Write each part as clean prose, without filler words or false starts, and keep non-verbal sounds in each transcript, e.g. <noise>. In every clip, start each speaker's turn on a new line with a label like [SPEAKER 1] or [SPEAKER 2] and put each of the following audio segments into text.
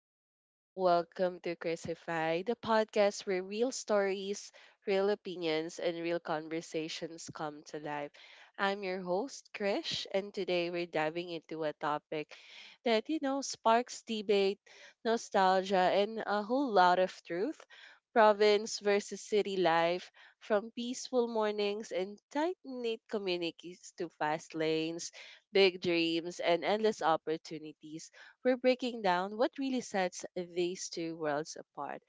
[SPEAKER 1] everyone. Welcome to Crisify, the podcast where real stories, real opinions, and real conversations come to life. I'm your host, Krish, and today we're diving into a topic that sparks debate, nostalgia, and a whole lot of truth. Province versus city life, from peaceful mornings and tight knit communities to fast lanes, big dreams, and endless opportunities, we're breaking down what really sets these two worlds apart.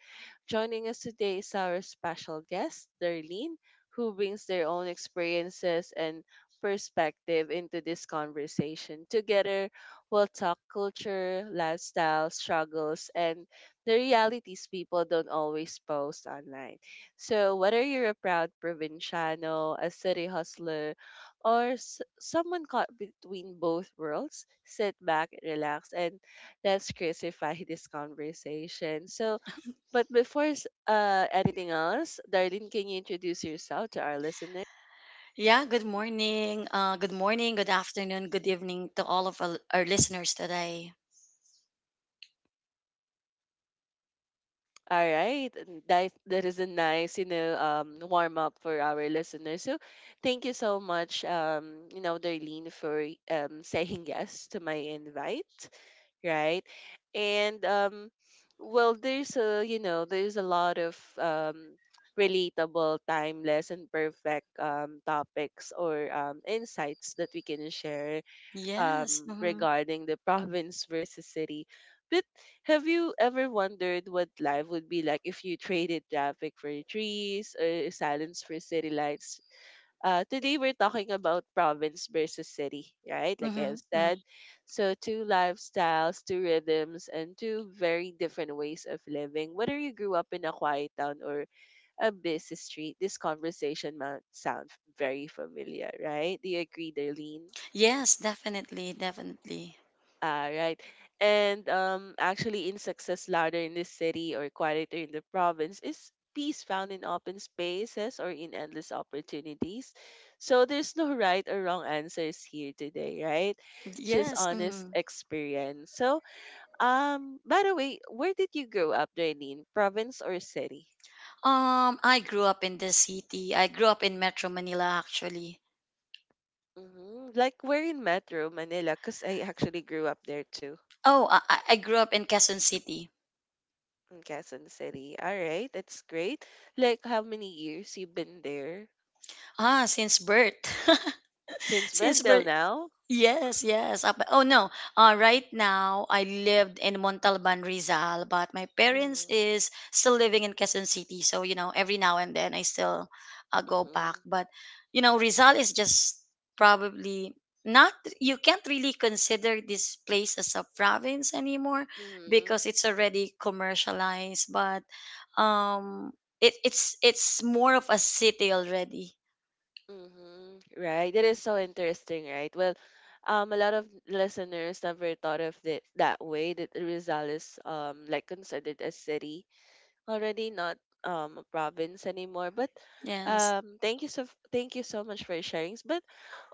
[SPEAKER 1] Joining us today is our special guest, Darlene, who brings their own experiences and perspective into this conversation. Together, we'll talk culture, lifestyle, struggles, and the realities people don't always post online. So, whether you're a proud provinciano, a city hustler, or someone caught between both worlds, sit back, relax, and let's crucify <laughs> this conversation. But before anything else, Darlene, can you introduce yourself to our listeners?
[SPEAKER 2] Yeah, good morning. Good morning, good afternoon, good evening to all of our listeners today.
[SPEAKER 1] All right, and that is a nice, warm up for our listeners. So, thank you so much, Darlene, for <laughs> saying yes to my invite, right? And um, there's a there's a lot of relatable, timeless, and perfect topics or insights that we can share,
[SPEAKER 2] Yes. Mm-hmm,
[SPEAKER 1] regarding the <laughs> province versus city. But have you ever wondered what life would be like if you traded traffic for trees or silence for city lights? Today we're talking about province versus city, right? Like I
[SPEAKER 2] mm-hmm,
[SPEAKER 1] have
[SPEAKER 2] hmm.
[SPEAKER 1] said. So, two lifestyles, two rhythms, and two very different ways of living. Whether you grew up in a quiet town or a busy street, this conversation might sound very familiar, right? Do you agree, Darlene?
[SPEAKER 2] Yes, definitely, definitely.
[SPEAKER 1] Ah, right. And Actually, in success, louder in the city or quieter in the province, is peace found in open spaces or in endless opportunities? So there's no right or wrong answers here today, right? Just
[SPEAKER 2] Yes.
[SPEAKER 1] honest
[SPEAKER 2] Mm-hmm.
[SPEAKER 1] experience. So, by the way, where did you grow up, Darlene? Province or city?
[SPEAKER 2] I grew up in the city. I grew up in Metro Manila, actually.
[SPEAKER 1] Hmm. Like, we're in Metro Manila, because I actually grew up there too,
[SPEAKER 2] Oh, I grew up in Quezon City.
[SPEAKER 1] in Quezon City. All right, that's great. Like, how many years you've been there?
[SPEAKER 2] Ah, since birth. <laughs>
[SPEAKER 1] Since when
[SPEAKER 2] Since
[SPEAKER 1] till
[SPEAKER 2] birth.
[SPEAKER 1] now?
[SPEAKER 2] Yes, yes. Up, oh no. Right now, I lived in Montalban, Rizal, but my parents
[SPEAKER 1] Mhm,
[SPEAKER 2] is still living in Quezon City. So you know, every now and then I still go back.
[SPEAKER 1] mhm,
[SPEAKER 2] But you know, Rizal is just probably not. You can't really consider this place as a province anymore
[SPEAKER 1] mhm,
[SPEAKER 2] because it's already commercialized. But um, it's more of a city already.
[SPEAKER 1] mhm. Right. That is so interesting, right? Well, a lot of listeners never thought of it that way. That Rizal is like considered a city already, not a province anymore. But
[SPEAKER 2] Yes.
[SPEAKER 1] um, thank you so thank you so much for sharing. But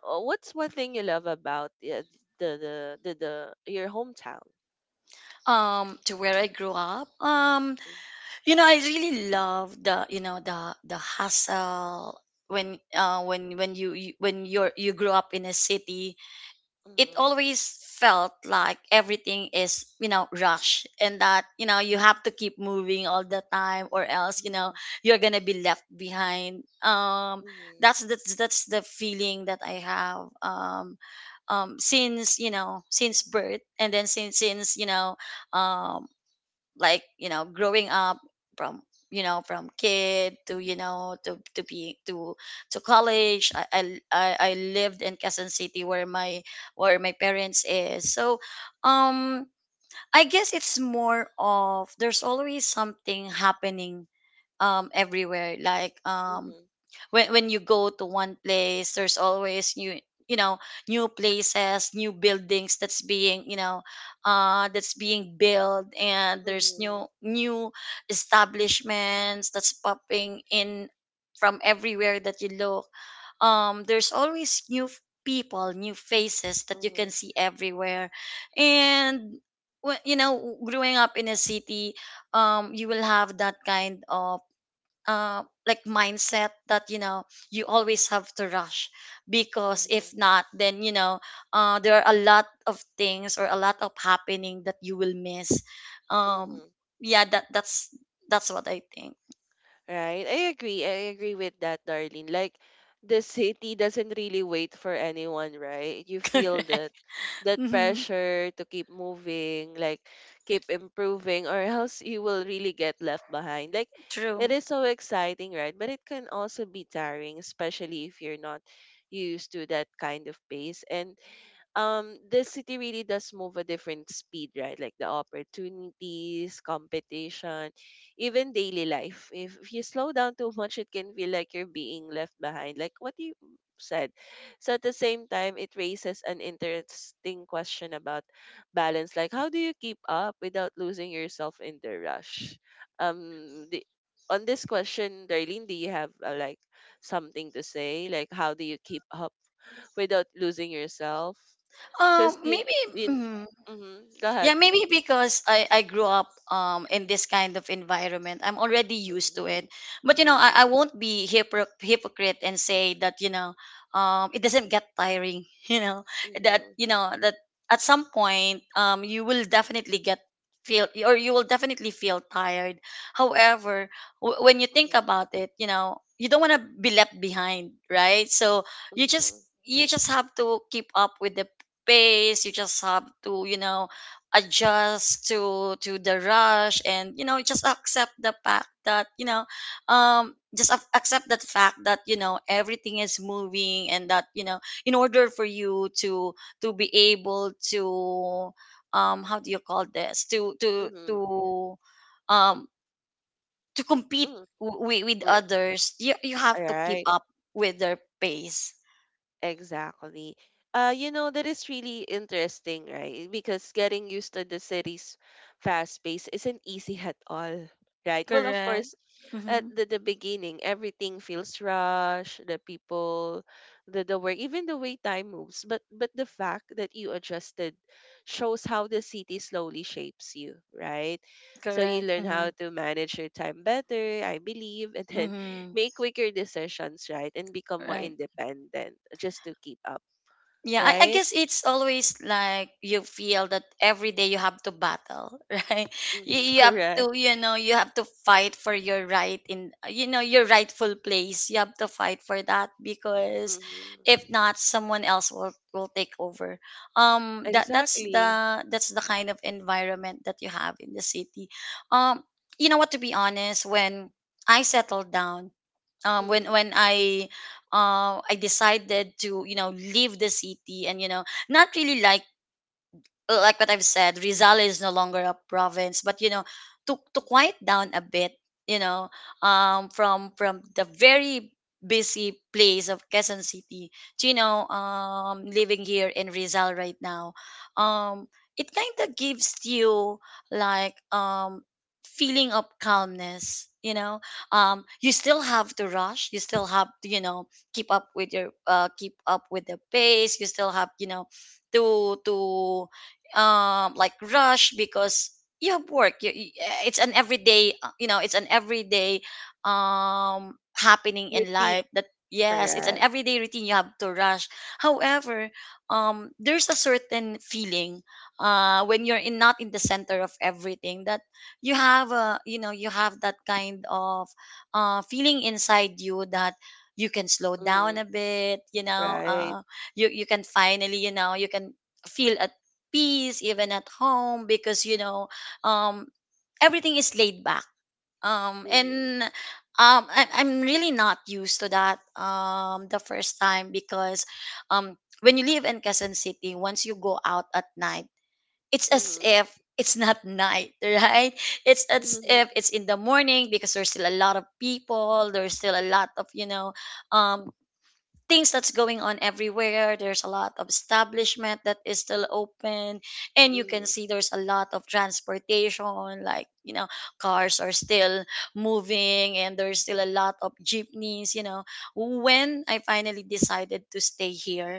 [SPEAKER 1] what's one thing you love about the, the the your hometown?
[SPEAKER 2] To where I grew up. You know, I really love the the hustle when you when you're you grew up in a city. It
[SPEAKER 1] Mm-hmm.
[SPEAKER 2] always felt like everything is you know rush and that you know you have to keep moving all the time or else you
[SPEAKER 1] Mm-hmm.
[SPEAKER 2] know you're gonna be left behind.
[SPEAKER 1] Mm-hmm.
[SPEAKER 2] That's the feeling that I have. Since you know since birth and then since you know um like you know growing up from you know from kid to you know to be to college, I lived in Quezon City where my parents is, so um I guess it's more of there's always something happening everywhere. Like when you go to one place, there's always new you know new places, new buildings that's being you know that's being built, and there's
[SPEAKER 1] Mm-hmm.
[SPEAKER 2] new establishments that's popping in from everywhere that you look. There's always new people, new faces that you can see everywhere. And you know, growing up in a city, you will have that kind of like mindset that you know you always have to rush, because if
[SPEAKER 1] Mm-hmm.
[SPEAKER 2] not, then you know there are a lot of things or a lot of happening that you will miss. um
[SPEAKER 1] Mm-hmm.
[SPEAKER 2] yeah that that's that's what I think.
[SPEAKER 1] Right. I agree. I agree with that, Darlene. Like the city doesn't really wait for anyone, right? You
[SPEAKER 2] <laughs>
[SPEAKER 1] feel that
[SPEAKER 2] Correct.
[SPEAKER 1] that
[SPEAKER 2] Hmm.
[SPEAKER 1] pressure to keep moving, like keep improving, or else you will really get left behind. Like it
[SPEAKER 2] True.
[SPEAKER 1] is so exciting, right? But it can also be tiring, especially if you're not used to that kind of pace. And The city really does move a different speed, right? Like the opportunities, competition, even daily life, if you slow down too much, it can feel like you're being left behind, like what you said. So at the same time it raises an interesting question about balance, like how do you keep up without losing yourself in the rush. um the, on this question, Darlene, do you have like something to say, like how do you keep up without losing yourself, because
[SPEAKER 2] um maybe
[SPEAKER 1] in
[SPEAKER 2] mm,
[SPEAKER 1] Mm-hmm, go
[SPEAKER 2] Yeah,
[SPEAKER 1] ahead.
[SPEAKER 2] maybe because I grew up in this kind of environment. I'm already used to
[SPEAKER 1] Mm-hmm,
[SPEAKER 2] it. But you know,
[SPEAKER 1] mm-hmm,
[SPEAKER 2] I won't be hypocrite and say that, you know, it doesn't get tiring, <laughs>
[SPEAKER 1] mm-hmm,
[SPEAKER 2] you know, that at some point you will definitely feel tired. However, when you think about it, you know, you don't want to be left behind, right? So you just
[SPEAKER 1] mm-hmm,
[SPEAKER 2] you just have to keep up with the pace. You just have to, you know, adjust to the rush, and you know, just accept the fact that you know just accept that fact that you know everything is moving, and that you know in order for you to be able to how do you call this,
[SPEAKER 1] mm-hmm,
[SPEAKER 2] um to compete
[SPEAKER 1] mm-hmm.
[SPEAKER 2] with
[SPEAKER 1] Right.
[SPEAKER 2] others, you have
[SPEAKER 1] All
[SPEAKER 2] to keep
[SPEAKER 1] right.
[SPEAKER 2] up with their pace.
[SPEAKER 1] Exactly. You know, that is really interesting, right? Because getting used to the city's fast pace isn't easy at all, right? Well, of
[SPEAKER 2] Correct.
[SPEAKER 1] course, at
[SPEAKER 2] Mm-hmm.
[SPEAKER 1] the beginning, everything feels rushed, the people, the work, even the way time moves. But the fact that you adjusted shows how the city slowly shapes you, right? So you
[SPEAKER 2] Correct.
[SPEAKER 1] learn how
[SPEAKER 2] Mm-hmm.
[SPEAKER 1] to manage your time better, I believe, <laughs> and then
[SPEAKER 2] Mm-hmm.
[SPEAKER 1] make quicker decisions, right? And become more
[SPEAKER 2] Right.
[SPEAKER 1] independent just to keep up,
[SPEAKER 2] Yeah, I
[SPEAKER 1] right?
[SPEAKER 2] guess it's always like you feel that every day you have to battle, <laughs> right? You,
[SPEAKER 1] Mm-hmm.
[SPEAKER 2] you have
[SPEAKER 1] Correct.
[SPEAKER 2] to, you know, you have to fight for your right in, you know, your rightful place. You have to fight for that because if
[SPEAKER 1] Mm-hmm.
[SPEAKER 2] not, someone else will take over. That that's
[SPEAKER 1] Exactly.
[SPEAKER 2] the that's the kind of environment that you have in the city. Um, you know what? To be honest, when I settled down,
[SPEAKER 1] Mm-hmm.
[SPEAKER 2] when I decided to you know leave the city, and you know, not really like what I've said, Rizal is no longer a province, but you know, to quiet down a bit, you know, from the very busy place of Quezon City, to, you know, living here in Rizal right now. um, it kind of gives you like feeling of calmness, you know. You still have to rush, you still have to, you know, keep up with your keep up with the pace. You still have, you know, to like rush because you have work. It's an everyday you know, it's an everyday happening
[SPEAKER 1] Your
[SPEAKER 2] in
[SPEAKER 1] team.
[SPEAKER 2] life, that yes, it's an
[SPEAKER 1] Correct.
[SPEAKER 2] everyday routine, you have to rush. However, there's a certain feeling when you're in not in the center of everything, that you have a you know you have that kind of feeling inside you that you can slow down
[SPEAKER 1] Mm-hmm.
[SPEAKER 2] a bit, you know.
[SPEAKER 1] Right.
[SPEAKER 2] You you can finally, you know, you can feel at peace even at home, because you know, um everything is laid back.
[SPEAKER 1] Mm-hmm.
[SPEAKER 2] And I, I'm really not used to that the first time, because um when you live in Quezon City, once you go out at night, it's as
[SPEAKER 1] Mm-hmm.
[SPEAKER 2] if it's not night. <laughs> Right, it's as if
[SPEAKER 1] Mm-hmm.
[SPEAKER 2] it's in the morning, because there's still a lot of people, there's still a lot of you know um things that's going on everywhere. There's a lot of establishment that is still open, and you can
[SPEAKER 1] Mm-hmm.
[SPEAKER 2] see there's a lot of transportation, like you know, cars are still moving, and there's still a lot of jeepneys. You know, when I finally decided to stay here,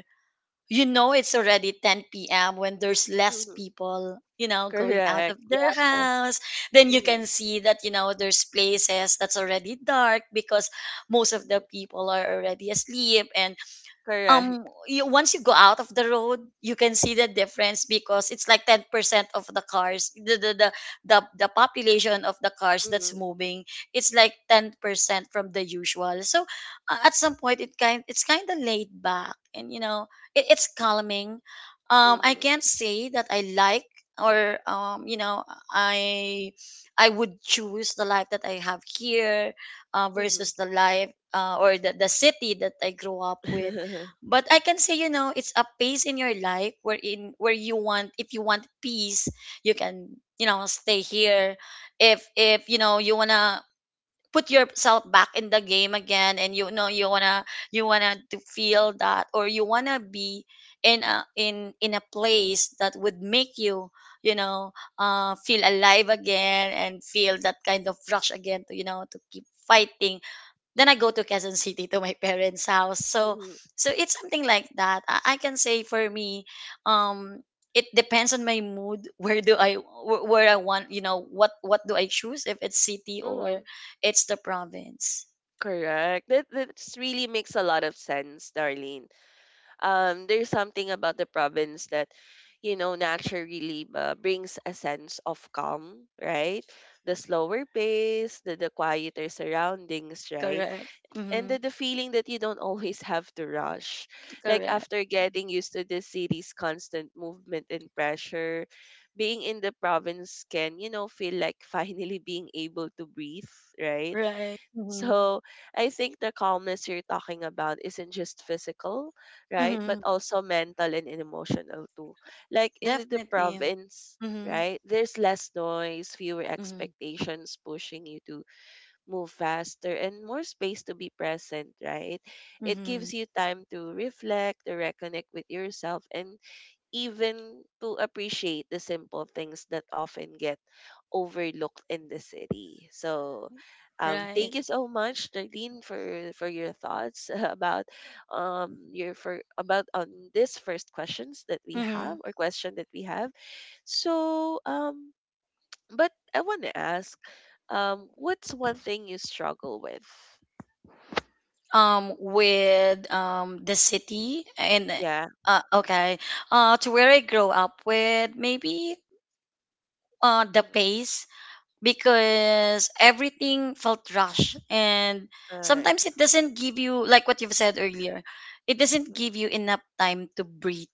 [SPEAKER 2] you know, it's already 10 p.m. when there's less
[SPEAKER 1] Mm-hmm.
[SPEAKER 2] people, you know, going out of
[SPEAKER 1] Correct.
[SPEAKER 2] their
[SPEAKER 1] Yeah.
[SPEAKER 2] house. Then you
[SPEAKER 1] Mm-hmm.
[SPEAKER 2] can see that, you know, there's places that's already dark, because most of the
[SPEAKER 1] Mm-hmm.
[SPEAKER 2] people are already asleep. And
[SPEAKER 1] Correct.
[SPEAKER 2] you, once you go out of the road, you can see the difference, because it's like 10% of the cars, the, the population of the cars that's
[SPEAKER 1] Mm-hmm.
[SPEAKER 2] moving, it's like 10% from the usual. So at some point it kind it's kind of laid back, and you know it, it's calming. I
[SPEAKER 1] Mm-hmm.
[SPEAKER 2] can't say that I like or you know, i I would choose the life that I have here
[SPEAKER 1] Mm-hmm.
[SPEAKER 2] versus the life or the city that I grew up with.
[SPEAKER 1] <laughs>
[SPEAKER 2] But I can say, you know, it's a pace in your life where in where you want, if you want peace, you can you know stay here. If you know you wanna put yourself back in the game again, and you know you wanna to feel that, or you wanna be in a in a place that would make you you know feel alive again, and feel that kind of rush again, to you know to keep fighting, then I go to Quezon City to my <laughs> parents' house. So
[SPEAKER 1] Hmm.
[SPEAKER 2] so it's something like that. I can say for me, um, it depends on my mood. <laughs> Where do I where I want, you know, what do I choose, if it's city or
[SPEAKER 1] Hmm.
[SPEAKER 2] it's the province?
[SPEAKER 1] Correct. That really makes a lot of sense, Darlene. There's something about the province that you know naturally brings a sense of calm, right? The slower pace, the quieter surroundings, right?
[SPEAKER 2] Correct.
[SPEAKER 1] And
[SPEAKER 2] Mm-hmm.
[SPEAKER 1] the feeling that you don't <laughs> always have to rush, like
[SPEAKER 2] Correct.
[SPEAKER 1] after getting used to the city's constant movement and pressure, being in the province can you know feel like <laughs> finally being able to breathe, right?
[SPEAKER 2] Right. Mm-hmm.
[SPEAKER 1] So I think the calmness you're talking about isn't just physical, right?
[SPEAKER 2] Mm-hmm.
[SPEAKER 1] But also mental and emotional too. Like in the
[SPEAKER 2] Definitely.
[SPEAKER 1] province,
[SPEAKER 2] Mm-hmm.
[SPEAKER 1] right? There's less noise, fewer
[SPEAKER 2] Mm-hmm.
[SPEAKER 1] expectations pushing you to move faster, and more space to be present, right? It
[SPEAKER 2] Mm-hmm.
[SPEAKER 1] gives you time to reflect, to reconnect with yourself, and even to appreciate the simple things that often get overlooked in the city. So, thank
[SPEAKER 2] Right.
[SPEAKER 1] you so much, Darlene, for your thoughts <laughs> about your for about on this first questions that we have,
[SPEAKER 2] Mm-hmm.
[SPEAKER 1] or question that we have. So, but I want to ask, what's one thing you struggle with?
[SPEAKER 2] With the city and
[SPEAKER 1] Yeah.
[SPEAKER 2] okay, to where I grow up with, maybe the
[SPEAKER 1] Mhm,
[SPEAKER 2] pace, because everything felt rushed, and
[SPEAKER 1] all right.
[SPEAKER 2] sometimes it doesn't give you, like what you've said earlier, it doesn't
[SPEAKER 1] Mhm,
[SPEAKER 2] give you enough time to breathe.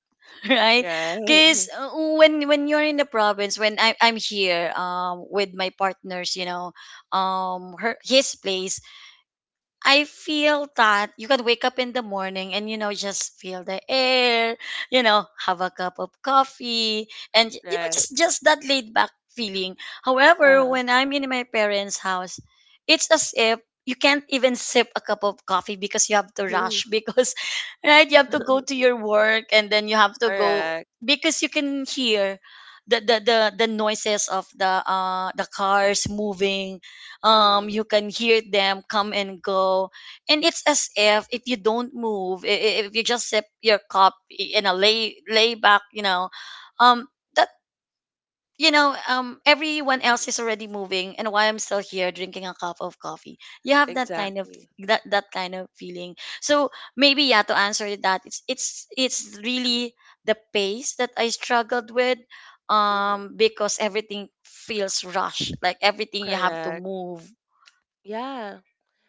[SPEAKER 2] <laughs> Right?
[SPEAKER 1] right.
[SPEAKER 2] Because
[SPEAKER 1] <laughs>
[SPEAKER 2] when you're in the province, when I'm here with my partners, you know, her his place, I feel that you can wake up in the morning and you know just feel the air, you know, have a cup of coffee, and you know
[SPEAKER 1] Right.
[SPEAKER 2] just that laid back feeling.
[SPEAKER 1] Uh
[SPEAKER 2] However,
[SPEAKER 1] huh.
[SPEAKER 2] when I'm in my parents' house, it's as if you can't even sip a cup of coffee because you have to rush, because <laughs> right, you have to go to
[SPEAKER 1] <laughs>
[SPEAKER 2] your work, and then you have to go,
[SPEAKER 1] Correct.
[SPEAKER 2] because you can hear the the the, the noises of the cars moving.
[SPEAKER 1] Mhm.
[SPEAKER 2] You can hear them come and go, and it's as if you don't move, if you just sip your cup in a lay back, you know, um that you know, everyone
[SPEAKER 1] Mhm.
[SPEAKER 2] else is already moving, and why I'm still here drinking a cup of coffee, you have that kind of
[SPEAKER 1] Exactly.
[SPEAKER 2] that kind of feeling. So maybe yeah, to answer that, it's it's really the pace that I struggled with,
[SPEAKER 1] Hmm.
[SPEAKER 2] because everything feels rushed, like everything you have to
[SPEAKER 1] Correct.
[SPEAKER 2] move.
[SPEAKER 1] Yeah,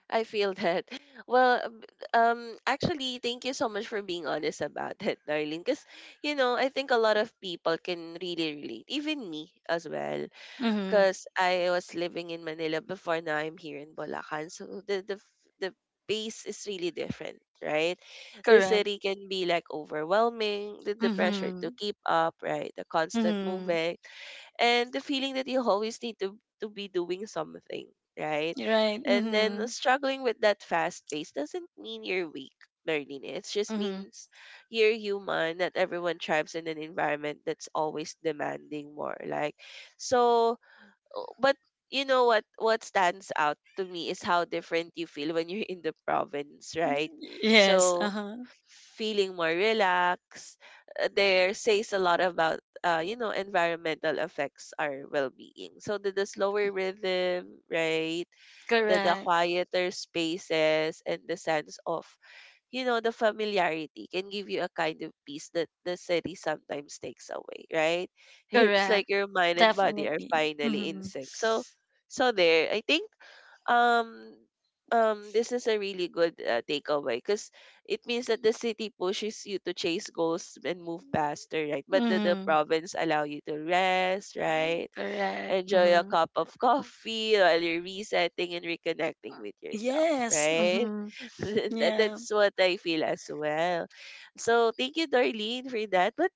[SPEAKER 1] I feel that. <laughs> Well, um, um, Actually, thank you so much for being honest about it, Darlene. Because, you know, I think a lot of people can really relate, even me as well.
[SPEAKER 2] Mm-hmm.
[SPEAKER 1] Because I was living in Manila before, now I'm here in Bulacan. So the, f- the pace is really different, right? The
[SPEAKER 2] Correct.
[SPEAKER 1] city can be like overwhelming, the pressure to
[SPEAKER 2] Mm-hmm.
[SPEAKER 1] keep up, right? The constant
[SPEAKER 2] Mm-hmm.
[SPEAKER 1] moving and the feeling that you always need to be doing something, right?
[SPEAKER 2] Right.
[SPEAKER 1] And then
[SPEAKER 2] Mm-hmm.
[SPEAKER 1] struggling with that fast pace doesn't mean you're weak, Darlene. It just
[SPEAKER 2] Mm-hmm.
[SPEAKER 1] means you're human. Not everyone thrives in an environment that's always demanding more. Like, so, but you know what? What stands out to me is how different you feel when you're in the province, right?
[SPEAKER 2] Yes.
[SPEAKER 1] So,
[SPEAKER 2] Uh-huh.
[SPEAKER 1] feeling more relaxed. There says a lot about you know environmental effects our well-being. So the slower rhythm, right? The
[SPEAKER 2] Correct.
[SPEAKER 1] quieter spaces and the sense of you know, the familiarity can give you a kind of peace that the city sometimes takes away, right? <laughs> It's
[SPEAKER 2] Correct.
[SPEAKER 1] like your mind and body are
[SPEAKER 2] Definitely.
[SPEAKER 1] finally in
[SPEAKER 2] Mm-hmm.
[SPEAKER 1] sync. So, so there, I think um this is a really good takeaway, because it means that the city pushes you to chase goals and move faster, right? But the
[SPEAKER 2] Mm-hmm.
[SPEAKER 1] province allow you to rest, right?
[SPEAKER 2] Correct.
[SPEAKER 1] Enjoy a
[SPEAKER 2] Mm-hmm.
[SPEAKER 1] cup of <laughs> coffee while you're resetting and reconnecting with yourself,
[SPEAKER 2] Yes.
[SPEAKER 1] right?
[SPEAKER 2] Mm-hmm.
[SPEAKER 1] <laughs> That-
[SPEAKER 2] Yeah.
[SPEAKER 1] That's what I feel as well. So thank you, Darlene, for that. But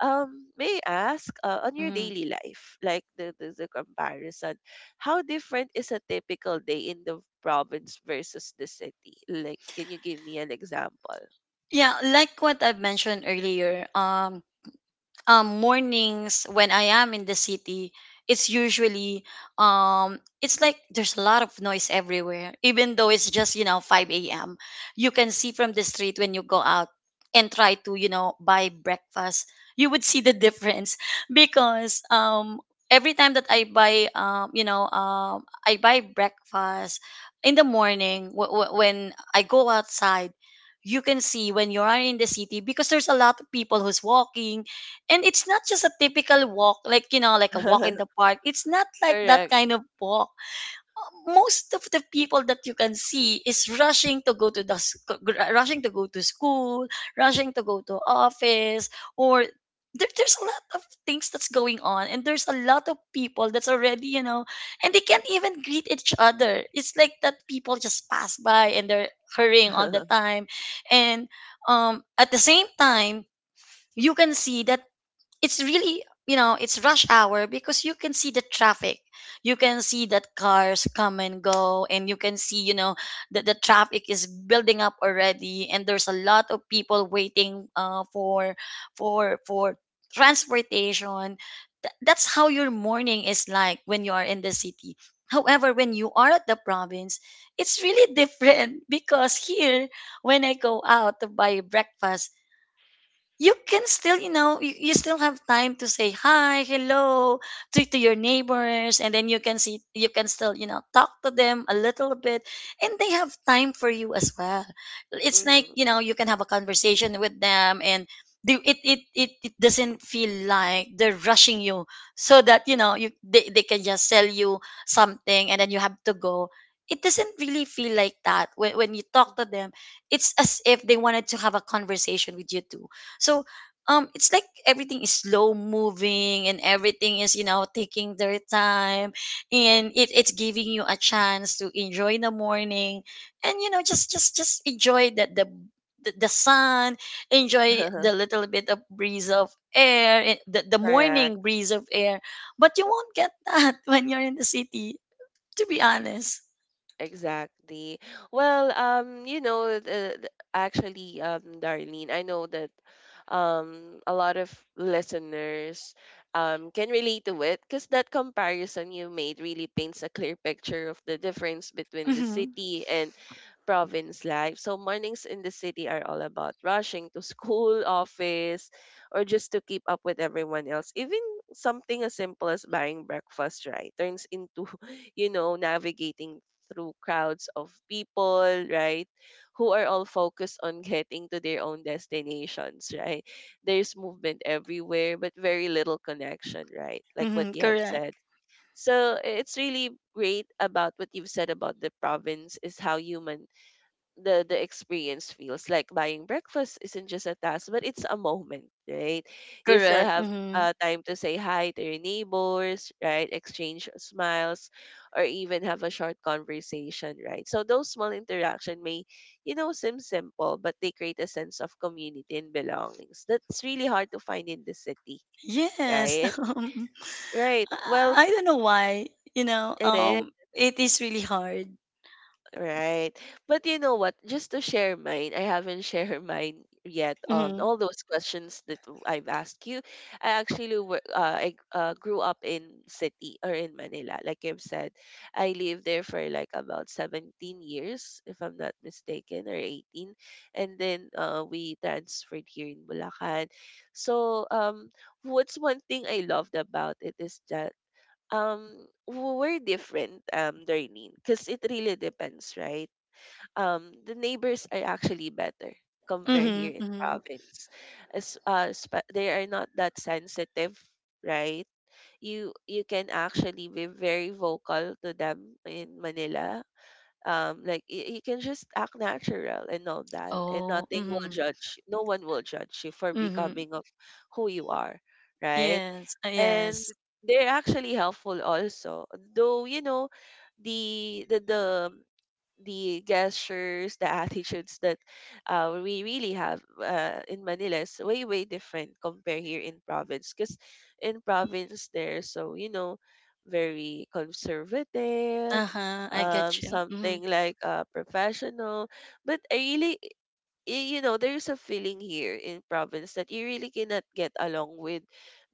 [SPEAKER 1] may I ask on your
[SPEAKER 2] Mm-hmm.
[SPEAKER 1] daily life, like the comparison, how different is a typical day in the province versus the city? Like, can you give me an example?
[SPEAKER 2] Yeah, like what I've mentioned earlier, mornings when I am in the city, it's usually it's like there's a lot of noise everywhere. Even though it's just, you know, 5 a.m. You can see from the street when you go out and try to, buy breakfast. You would see the difference <laughs> because every time that I buy I buy breakfast in the morning, when I go outside, you can see when you are in the city because there's a lot of people who's walking. And it's not just a typical walk, like, like a walk in the
[SPEAKER 1] <laughs>
[SPEAKER 2] park. It's not like that
[SPEAKER 1] Correct.
[SPEAKER 2] kind of walk. Most of the people that you can see is rushing to go to the rushing to go to school, rushing to go to office, or there, there's a lot of things that's going on, and there's a lot of people that's already, you know, and they can't even greet each other. It's like that, people just pass by and they're hurrying all the
[SPEAKER 1] <laughs>
[SPEAKER 2] time. And at the same time you can see that it's really, you know, it's rush hour, because you can see the traffic, you can see that cars come and go, and you can see, you know, that the traffic is building up already, and there's a lot of people waiting for for for transportation. That's how your morning is like when you are in the city. However, when you are at the province, it's really <laughs> different, because here when I go out to buy breakfast, you can still, you know, you still have time to say hi, hello to your neighbors, and then you can see, you can still, you know, talk to them a little bit, and they have time for you as well. It's like,
[SPEAKER 1] Mm-hmm.
[SPEAKER 2] you know, you can have a conversation with them, and do it, it, it, it doesn't feel like they're rushing you so that, you know, you they can just sell you something and then you have to go. It doesn't really feel like that when you talk to them. It's as if they wanted to have a conversation with you too. So it's like everything is slow moving, and everything is, you know, taking their time, and it, it's giving you a chance to enjoy the morning, and, you know, just enjoy that the sun, enjoy the
[SPEAKER 1] <laughs>
[SPEAKER 2] little bit of breeze of air, the
[SPEAKER 1] Correct.
[SPEAKER 2] morning breeze of air. But you won't get that <laughs> when you're in the city, to be honest.
[SPEAKER 1] Exactly. Well, you know, Darlene, I know that a lot of listeners can relate to it, because that comparison you made really paints a clear picture of the difference between the
[SPEAKER 2] Mm-hmm.
[SPEAKER 1] city and province life. So mornings in the city are all about rushing to school, <laughs> office, or just to keep up with everyone else. Even something as simple as buying breakfast, right, turns into, <laughs> you know, navigating through crowds of people, right, who are all focused on <laughs> getting to their own destinations, right? There's movement everywhere, but very little connection, right? Like what
[SPEAKER 2] Mm-hmm.
[SPEAKER 1] you have
[SPEAKER 2] Correct.
[SPEAKER 1] said. So it's really great about what you've said about the province is how human the experience feels, like buying breakfast isn't just a task but it's a moment, right? You still
[SPEAKER 2] Correct.
[SPEAKER 1] have
[SPEAKER 2] Mm-hmm.
[SPEAKER 1] time to say hi to your neighbors, right? Exchange smiles, or even have a short conversation, right? So those small interaction may you know seem simple, but they create a sense of community and belongings that's really hard to find in the city,
[SPEAKER 2] Yes. <laughs>
[SPEAKER 1] right?
[SPEAKER 2] I
[SPEAKER 1] Right. Well,
[SPEAKER 2] don't know why.
[SPEAKER 1] it is.
[SPEAKER 2] It is really hard.
[SPEAKER 1] Right. But you know what? Just to share mine, I haven't <laughs> shared mine yet on
[SPEAKER 2] Mm-hmm.
[SPEAKER 1] all those questions that I've asked you. I actually were, I grew up in city or in Manila, like I've said. I lived there for like about 17 years, if I'm not mistaken, or 18. And then we transferred here in Bulacan. So what's one thing I loved about it is that um we're different, Darlene, because it really depends, right? The neighbors are actually better compared here
[SPEAKER 2] Mm-hmm.
[SPEAKER 1] in
[SPEAKER 2] Mm-hmm.
[SPEAKER 1] province, as they are not that sensitive, right? You can actually be very vocal to them in Manila. Like you can just act natural and all that, and
[SPEAKER 2] Oh.
[SPEAKER 1] nothing will
[SPEAKER 2] Mm-hmm.
[SPEAKER 1] judge no one will judge you for
[SPEAKER 2] Mm-hmm.
[SPEAKER 1] becoming of who you are, right?
[SPEAKER 2] Yes.
[SPEAKER 1] And
[SPEAKER 2] Yes.
[SPEAKER 1] they're actually helpful also, though the the the um, the gestures, the <laughs> attitudes that we really have in Manila is way way different compared here in province, because in province they're, so very conservative,
[SPEAKER 2] Uh huh. I get you. Mm-hmm.
[SPEAKER 1] something like professional. But you know, there's a feeling here in province that you really cannot get along with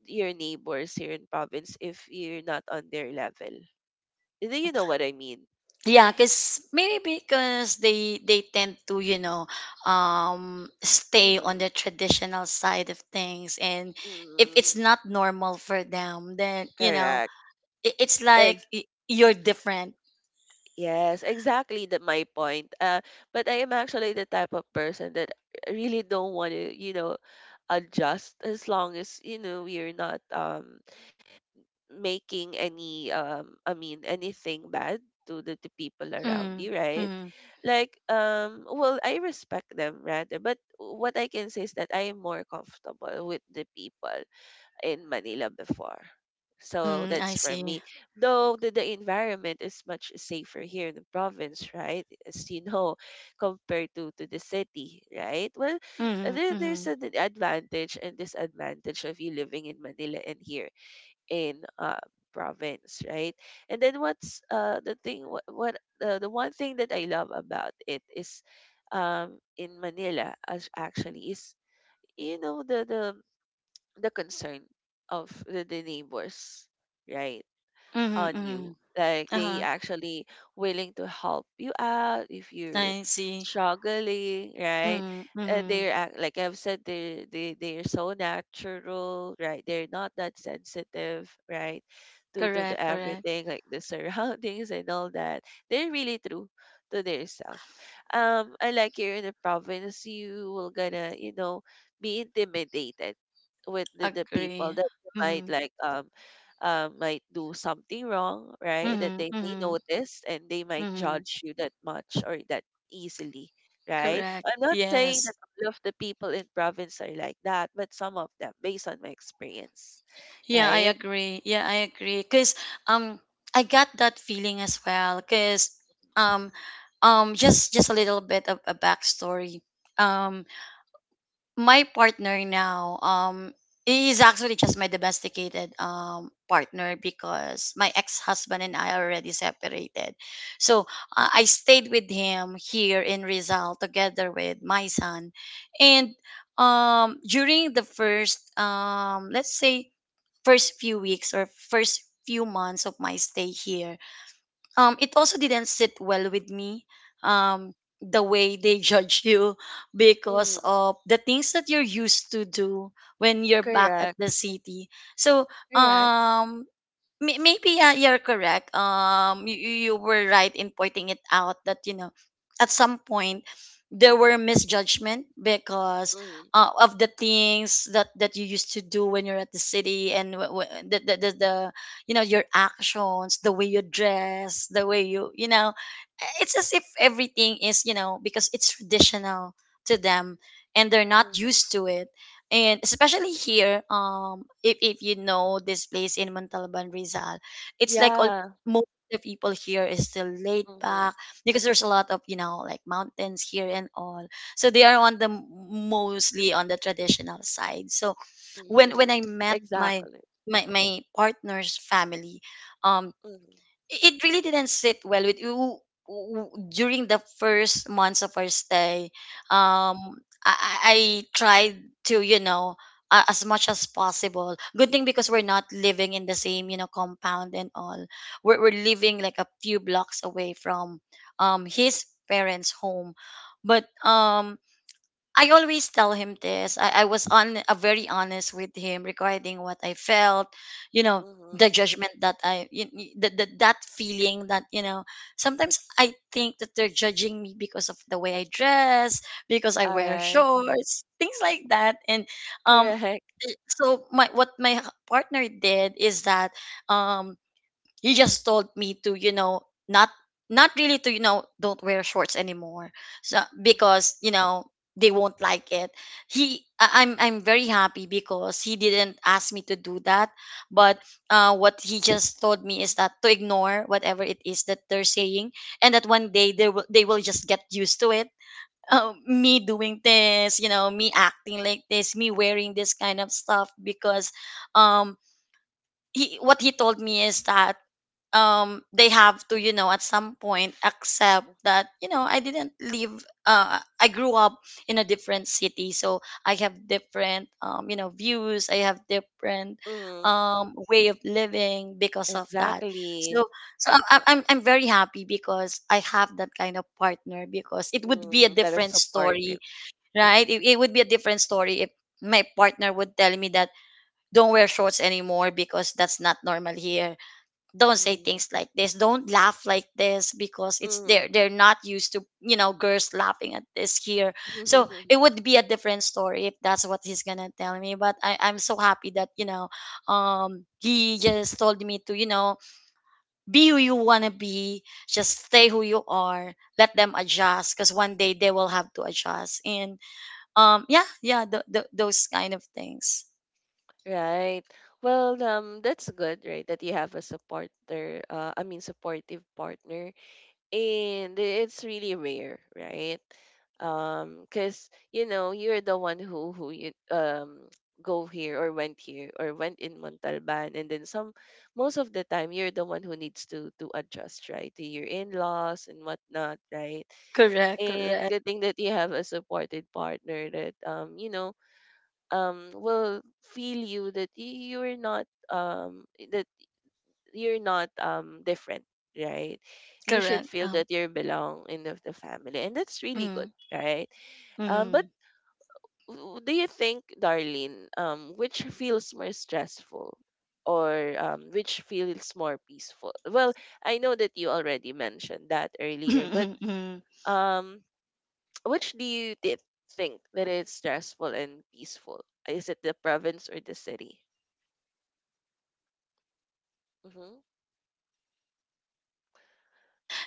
[SPEAKER 1] your neighbors here in province if you're not on their level. Do you know what I mean?
[SPEAKER 2] Yeah,
[SPEAKER 1] S-
[SPEAKER 2] because maybe because they tend to, you know, stay on
[SPEAKER 1] mm.
[SPEAKER 2] the traditional side of things, and if it's
[SPEAKER 1] Mm.
[SPEAKER 2] not normal for them, then, you know,
[SPEAKER 1] Correct.
[SPEAKER 2] it's like
[SPEAKER 1] Ex-
[SPEAKER 2] you're different.
[SPEAKER 1] yes, exactly, that my point. But I am actually the type of person that I really don't want to, adjust, as long as, you know, you're not, making any, I mean, anything bad to the people around
[SPEAKER 2] Mm-hmm.
[SPEAKER 1] you, right?
[SPEAKER 2] Mm-hmm.
[SPEAKER 1] Like, well, I respect them rather, but what I can say is that I am more comfortable with the people in Manila before. So
[SPEAKER 2] Mm-hmm,
[SPEAKER 1] that's
[SPEAKER 2] I
[SPEAKER 1] for
[SPEAKER 2] see.
[SPEAKER 1] me. Though the environment is much safer here in the province, right? As you know, <laughs> compared to the city, right? Well,
[SPEAKER 2] Mm-hmm.
[SPEAKER 1] there's
[SPEAKER 2] Mm-hmm.
[SPEAKER 1] an advantage and disadvantage of you living in Manila and here in province, right? And then what's the thing? What, the one thing that I love about it is, in Manila, as actually is, you know, the concern of the neighbors, right?
[SPEAKER 2] Mhm,
[SPEAKER 1] On you.
[SPEAKER 2] mhm.
[SPEAKER 1] Like they
[SPEAKER 2] Uh-huh.
[SPEAKER 1] actually willing to help you out if you're
[SPEAKER 2] I see.
[SPEAKER 1] struggling, right?
[SPEAKER 2] Mhm,
[SPEAKER 1] And
[SPEAKER 2] mhm.
[SPEAKER 1] they're like I've said, they're so natural, right? They're not that sensitive, right? To the
[SPEAKER 2] Correct, correct.
[SPEAKER 1] everything, like the <laughs> surroundings and all that. They're really true to their self. And like here in the province, you will gonna, you know, be intimidated with the people
[SPEAKER 2] Agree.
[SPEAKER 1] that you might
[SPEAKER 2] Mhm,
[SPEAKER 1] like, might do something wrong, right? That
[SPEAKER 2] mhm,
[SPEAKER 1] they may
[SPEAKER 2] mhm,
[SPEAKER 1] notice and they might
[SPEAKER 2] mhm.
[SPEAKER 1] judge you that much or that easily, right?
[SPEAKER 2] Correct.
[SPEAKER 1] I'm not saying
[SPEAKER 2] Yes.
[SPEAKER 1] that all of the people in province are like that, but some of them, based on my experience,
[SPEAKER 2] Yeah, I
[SPEAKER 1] right?
[SPEAKER 2] agree. Yeah, I agree. Cause um, I got that feeling as well. Cause um, just a little bit of a backstory. Um. My partner now is actually just my domesticated partner, because my ex-husband and I already separated. So I stayed with him here in Rizal together with my son. And during the first, let's say, first few weeks or first few months of my stay here, it also didn't sit well with me, um, the way they <laughs> judge you because
[SPEAKER 1] Mm.
[SPEAKER 2] of the things that you're used to do when you're back at
[SPEAKER 1] Correct,
[SPEAKER 2] the city. So
[SPEAKER 1] correct.
[SPEAKER 2] um, maybe, yeah, you're correct. You you were right in pointing it out that, you know, at some point there were misjudgment because
[SPEAKER 1] Mm.
[SPEAKER 2] of the things that that you used to do when you're at the city. And the, the, you know, your actions, the way you dress, the way you, you know, it's as if everything is, you know, because it's traditional to them, and they're not
[SPEAKER 1] Mm.
[SPEAKER 2] used to it. And especially here, if you know this place in Montalban Rizal, it's like all
[SPEAKER 1] Yeah.
[SPEAKER 2] most of the people here is still laid
[SPEAKER 1] Mm-hmm.
[SPEAKER 2] back, because there's a lot of, you know, like mountains here and all, so they are on the mostly on the traditional side. So when
[SPEAKER 1] Mm-hmm.
[SPEAKER 2] I met my
[SPEAKER 1] Exactly.
[SPEAKER 2] partner's family, um
[SPEAKER 1] Mm-hmm.
[SPEAKER 2] it it really didn't sit well with you during the first months of our stay. Um, I tried to, you know, as much as possible. Good thing, because we're not living in the same, you know, compound and all. We're living like a few blocks away from, his parents' home. But I always tell him this. I was on very honest with him regarding what I felt, you know,
[SPEAKER 1] Mm-hmm.
[SPEAKER 2] the judgment that I, y- y- the, that feeling that, you know, sometimes I think that they're judging me because of the way I dress, because I
[SPEAKER 1] All
[SPEAKER 2] wear
[SPEAKER 1] right.
[SPEAKER 2] shorts, things like that. And, um,
[SPEAKER 1] Correct.
[SPEAKER 2] so my what my partner did is that um you just told me to, you know, not not really to, you know, don't wear shorts anymore, so because, you know, they won't like it. I'm very happy because he didn't ask me to do that. But what he just told me is that to ignore whatever it is that they're saying, and that one day they will just get used to it, <laughs> me doing this, you know, me acting like this, me wearing this kind of stuff. Because um he what he told me is that they have to, you know, at some point accept that, you know, I didn't live, I grew up in a different city, so I have different, you know, views. I have different
[SPEAKER 1] Mm,
[SPEAKER 2] way of living because of that.
[SPEAKER 1] exactly.
[SPEAKER 2] So I'm very happy because I have that kind of partner, because it would be a
[SPEAKER 1] Mm, that is
[SPEAKER 2] different
[SPEAKER 1] supportive.
[SPEAKER 2] story. Right, it would be a different story if my partner would tell me that don't wear shorts anymore because that's not normal here, don't say things like this, don't laugh like this, because it's
[SPEAKER 1] Mm-hmm.
[SPEAKER 2] they're not used to, you know, girls laughing at this here. So
[SPEAKER 1] <laughs>
[SPEAKER 2] it would be a different story if that's what he's gonna tell me. But I'm so happy that, you know, he just told me to, you know, be who you want to be, just stay who you are, let them adjust, because one day they will have to adjust. And yeah, those kind of things.
[SPEAKER 1] Right. Well, that's good, right? That you have a supporter, I mean, supportive partner, and it's really rare, right? Because you know you're the one who you go here or went in Montalban, and then some. Most of the time, you're the one who needs to adjust, right, to your in-laws and whatnot, right?
[SPEAKER 2] Correct,
[SPEAKER 1] And
[SPEAKER 2] correct.
[SPEAKER 1] good thing that you have a supported partner that, will feel you that you're not, that you're not, different, right? You should
[SPEAKER 2] Correct.
[SPEAKER 1] feel that you belong in the family, and that's really good,
[SPEAKER 2] Mm,
[SPEAKER 1] right? But
[SPEAKER 2] mm,
[SPEAKER 1] do you think, Darlene, which feels more stressful, or which feels more peaceful? Well, I know that you already mentioned that earlier, but
[SPEAKER 2] <laughs>
[SPEAKER 1] um <tsk> which do you think that is stressful and peaceful? Is it the province or the city? Mm-hmm.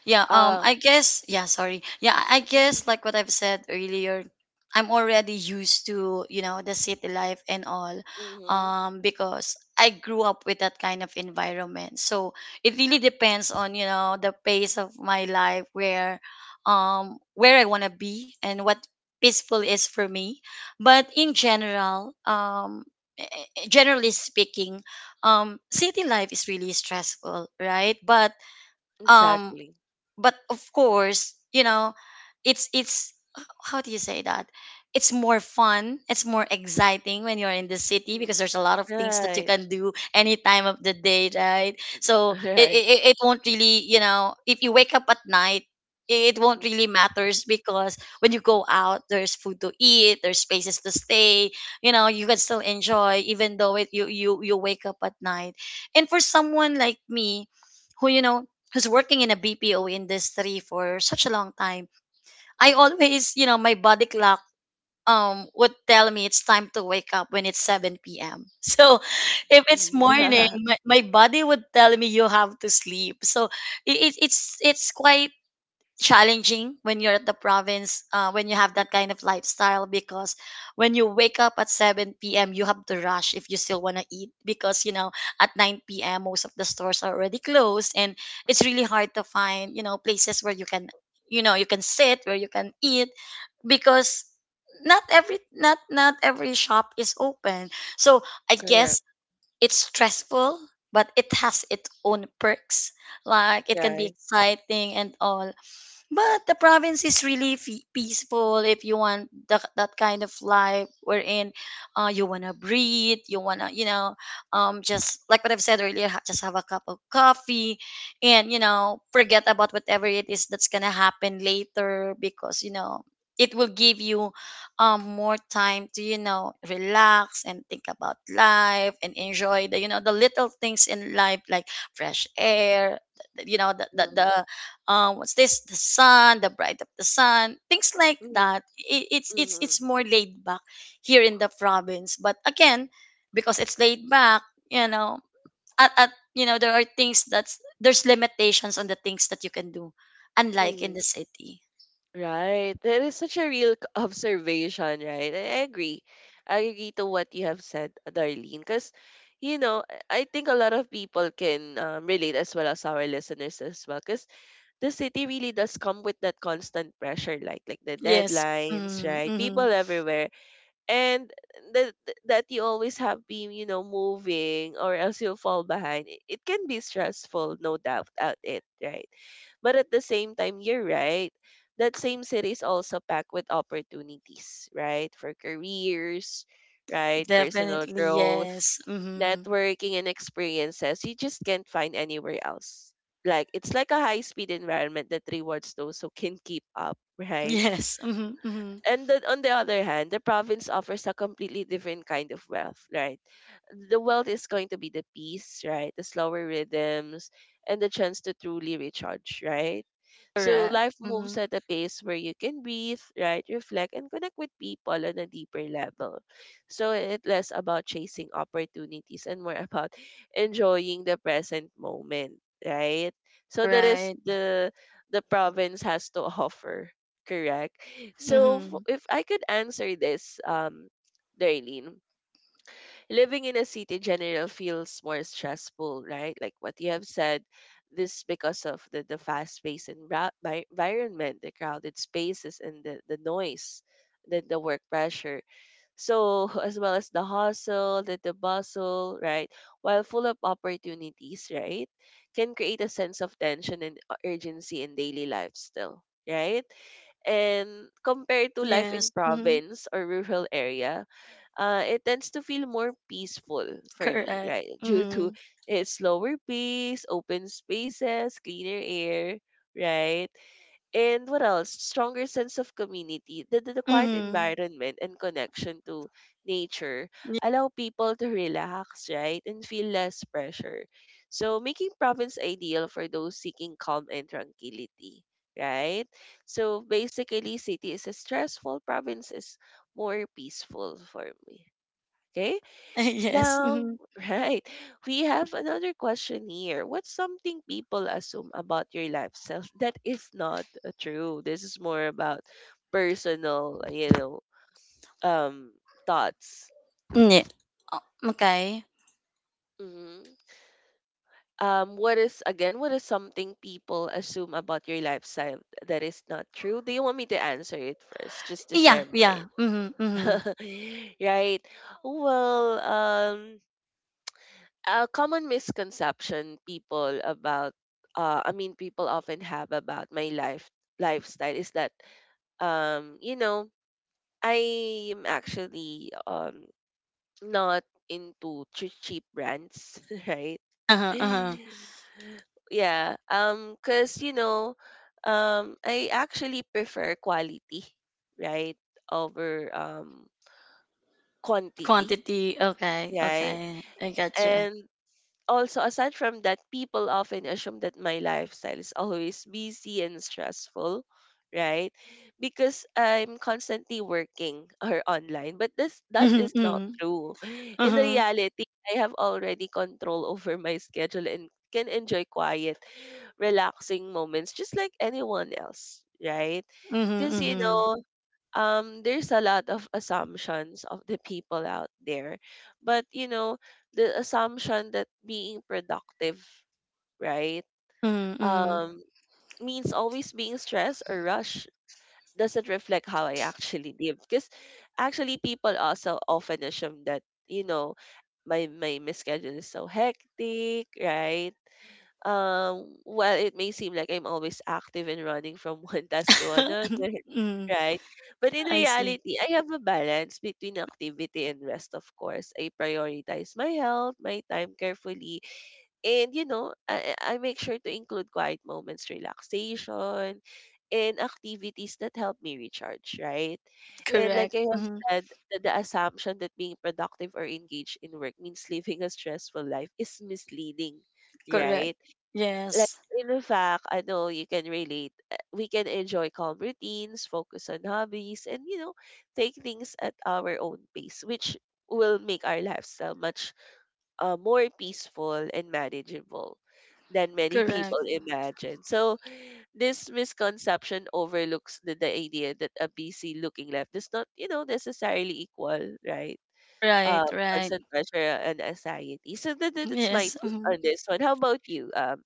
[SPEAKER 2] Yeah,
[SPEAKER 1] Uh,
[SPEAKER 2] I guess, yeah, sorry. Yeah, I
[SPEAKER 1] mhm,
[SPEAKER 2] guess, like what I've said earlier, I'm already used to, you know, the city life and all,
[SPEAKER 1] mhm,
[SPEAKER 2] because I grew up with that kind of environment. So it really depends on, you know, the pace of my life, where I want to be and what peaceful is for me. But in general, eh, generally speaking, city life is really stressful, right? Um
[SPEAKER 1] exactly.
[SPEAKER 2] but of course, you know, it's, how do you say that, it's more fun, it's more exciting when you're in the city, because
[SPEAKER 1] Mhm.
[SPEAKER 2] there's a lot of things that you
[SPEAKER 1] Right.
[SPEAKER 2] can do any time of the day, right? So
[SPEAKER 1] <laughs> Right.
[SPEAKER 2] it won't really, you know, if you wake up at night, it won't
[SPEAKER 1] Mhm,
[SPEAKER 2] really matters, because when you go out there's food to eat, there's spaces to stay, you know, you can still enjoy even though it, you wake up at night. And for someone like me, who, you know, who's working in a BPO industry for such a long time, I
[SPEAKER 1] mhm,
[SPEAKER 2] always, you know, my body clock would tell me it's time to wake up when it's 7 p.m. <laughs> So if it's
[SPEAKER 1] mhm,
[SPEAKER 2] morning,
[SPEAKER 1] mhm. <laughs>
[SPEAKER 2] my body would tell me you have to sleep. So it's quite challenging when you're at the province when you have that kind of lifestyle because when you wake up at 7 p.m. you have to rush if you still want to eat because at 9 p.m. most of the stores are already closed, and it's really hard to find places where you can you can sit where you can eat because not every shop is open. So I guess
[SPEAKER 1] Correct.
[SPEAKER 2] it's stressful, but it has its own perks, like it can be
[SPEAKER 1] Right.
[SPEAKER 2] exciting and all. But the province is really peaceful if you want that kind of life, wherein you want to breathe, you want to just like what I've said earlier, just have a cup of coffee and forget about whatever it is that's going to happen later because it will give you more time to relax and think about life and enjoy the little things in life, like fresh air, you know
[SPEAKER 1] Mhm,
[SPEAKER 2] the what's this? The sun, the bright of the sun, things like
[SPEAKER 1] mhm,
[SPEAKER 2] that. It,
[SPEAKER 1] mhm,
[SPEAKER 2] it's more laid back here in the province. But again, because it's laid back, you know, at you know there are things that's there's limitations on the things that you can do, unlike in the
[SPEAKER 1] mhm.
[SPEAKER 2] city.
[SPEAKER 1] Right. That is such a real observation, right? I agree. I agree to what you have said, Darlene, because you know, I think a lot of people can, relate as well as our listeners as well, because the city really does come with that constant pressure, like the
[SPEAKER 2] Yes.
[SPEAKER 1] deadlines,
[SPEAKER 2] Mm,
[SPEAKER 1] right?
[SPEAKER 2] hmm.
[SPEAKER 1] People everywhere, and that that you always have been, you know, moving, or else you'll fall behind. It can be stressful, no doubt about it, right? But at the same time, you're right, that same city is also packed with opportunities, right, for careers, right, personal
[SPEAKER 2] Definitely,
[SPEAKER 1] growth,
[SPEAKER 2] yes. Mm-hmm.
[SPEAKER 1] networking, and experiences you just can't find anywhere else. Like, it's like a high speed environment that rewards those who can keep up,
[SPEAKER 2] <laughs>
[SPEAKER 1] right?
[SPEAKER 2] Yes. Mm-hmm. Mm-hmm.
[SPEAKER 1] And then on the other hand, the province offers a completely different kind of wealth, right? The wealth is going to be the peace, right? The slower rhythms and the chance to truly recharge, right? So
[SPEAKER 2] Correct.
[SPEAKER 1] life
[SPEAKER 2] Mm-hmm.
[SPEAKER 1] moves at a pace where you can breathe, right? Reflect and connect with people on a deeper level. So it's less about chasing opportunities and more <laughs> about enjoying the present moment, right? So that is
[SPEAKER 2] Right.
[SPEAKER 1] the province has to <laughs> offer, correct? So
[SPEAKER 2] Mm-hmm.
[SPEAKER 1] if I could answer this, Darlene, living in a city general feels more stressful, right? Like what you have said, this because of the fast paced environment, the crowded spaces, and the noise, the work pressure. So, <laughs> as well as the hustle, the bustle, right? While full of opportunities, right? Can create a sense of tension and urgency in daily life still, right? And compared to life in
[SPEAKER 2] Yes. Mm-hmm.
[SPEAKER 1] province or rural area, it tends to feel more peaceful for me,
[SPEAKER 2] Correct.
[SPEAKER 1] right? Due
[SPEAKER 2] Mm-hmm.
[SPEAKER 1] to its slower pace, open spaces, cleaner air, right? And what else? Stronger sense of community. The quiet
[SPEAKER 2] Mm-hmm.
[SPEAKER 1] environment and connection to nature allow people to relax, right? And feel less pressure. So making province ideal for those seeking calm and tranquility, right? So basically, city is a stressful, province is more peaceful for me. Okay?
[SPEAKER 2] <laughs> Yes.
[SPEAKER 1] Now,
[SPEAKER 2] Mm-hmm.
[SPEAKER 1] <laughs> right, we have another question here. What's something people assume about your lifestyle <laughs> that is not true? This is more about personal, you know, um, thoughts.
[SPEAKER 2] Mm, yeah. Oh, okay.
[SPEAKER 1] Hmm. What is again? What is something people assume about your lifestyle that is not true? Do you want me to answer it first, just to
[SPEAKER 2] Yeah.
[SPEAKER 1] share
[SPEAKER 2] Yeah.
[SPEAKER 1] mine?
[SPEAKER 2] Mm-hmm. Mm-hmm.
[SPEAKER 1] <laughs> Right. Well, a common misconception people about, I mean, people often have about my lifestyle is that, you know, I am actually, not into cheap brands, <laughs> right?
[SPEAKER 2] Uh-huh. Uh-huh.
[SPEAKER 1] <laughs> Yeah. Cuz you know, I actually prefer quality, right, over, quantity,
[SPEAKER 2] Quantity. Okay.
[SPEAKER 1] right?
[SPEAKER 2] Okay. I gotcha.
[SPEAKER 1] And also aside from that, people often assume that my lifestyle is always busy and stressful, right, because I'm constantly working <laughs> or online, but this that
[SPEAKER 2] Mm-hmm.
[SPEAKER 1] is not
[SPEAKER 2] Mm-hmm.
[SPEAKER 1] true. In
[SPEAKER 2] Uh-huh.
[SPEAKER 1] reality, I have already control over my schedule and can enjoy quiet relaxing moments just like anyone else, right?
[SPEAKER 2] Mm-hmm.
[SPEAKER 1] Because you
[SPEAKER 2] Mm-hmm.
[SPEAKER 1] know, there's a lot of assumptions of the people out there. But you know, the assumption that being productive, right,
[SPEAKER 2] Mm-hmm.
[SPEAKER 1] um means always being stressed or rushed doesn't reflect how I actually live. Because actually people also often assume that, you know, my schedule is so hectic, right? While it may seem like I'm always active and running from <laughs> one task to another,
[SPEAKER 2] <laughs>
[SPEAKER 1] <laughs>
[SPEAKER 2] Mm-hmm.
[SPEAKER 1] right? But in
[SPEAKER 2] I see.
[SPEAKER 1] reality, I have a balance between activity and rest, of course. I prioritize my health, my time carefully, and you know, I make sure to include quiet moments, relaxation, and activities that help me recharge, right? And like
[SPEAKER 2] Correct.
[SPEAKER 1] I have
[SPEAKER 2] Mm-hmm.
[SPEAKER 1] said, the assumption that being productive or engaged in work means <laughs> living a stressful life is misleading,
[SPEAKER 2] Correct.
[SPEAKER 1] right? Like
[SPEAKER 2] Yes.
[SPEAKER 1] in fact, I know you can relate. We can enjoy calm routines, focus on hobbies, and you know, take things at our own pace, which will make our lifestyle much, more peaceful and manageable than many <laughs>
[SPEAKER 2] Correct.
[SPEAKER 1] people imagine. So this misconception overlooks the idea that a busy looking life does not, you know, necessarily equal, right? Uh,
[SPEAKER 2] Right, right.
[SPEAKER 1] Constant pressure and anxiety. So that's my
[SPEAKER 2] Yes.
[SPEAKER 1] take
[SPEAKER 2] Mhm.
[SPEAKER 1] on this one. How about you,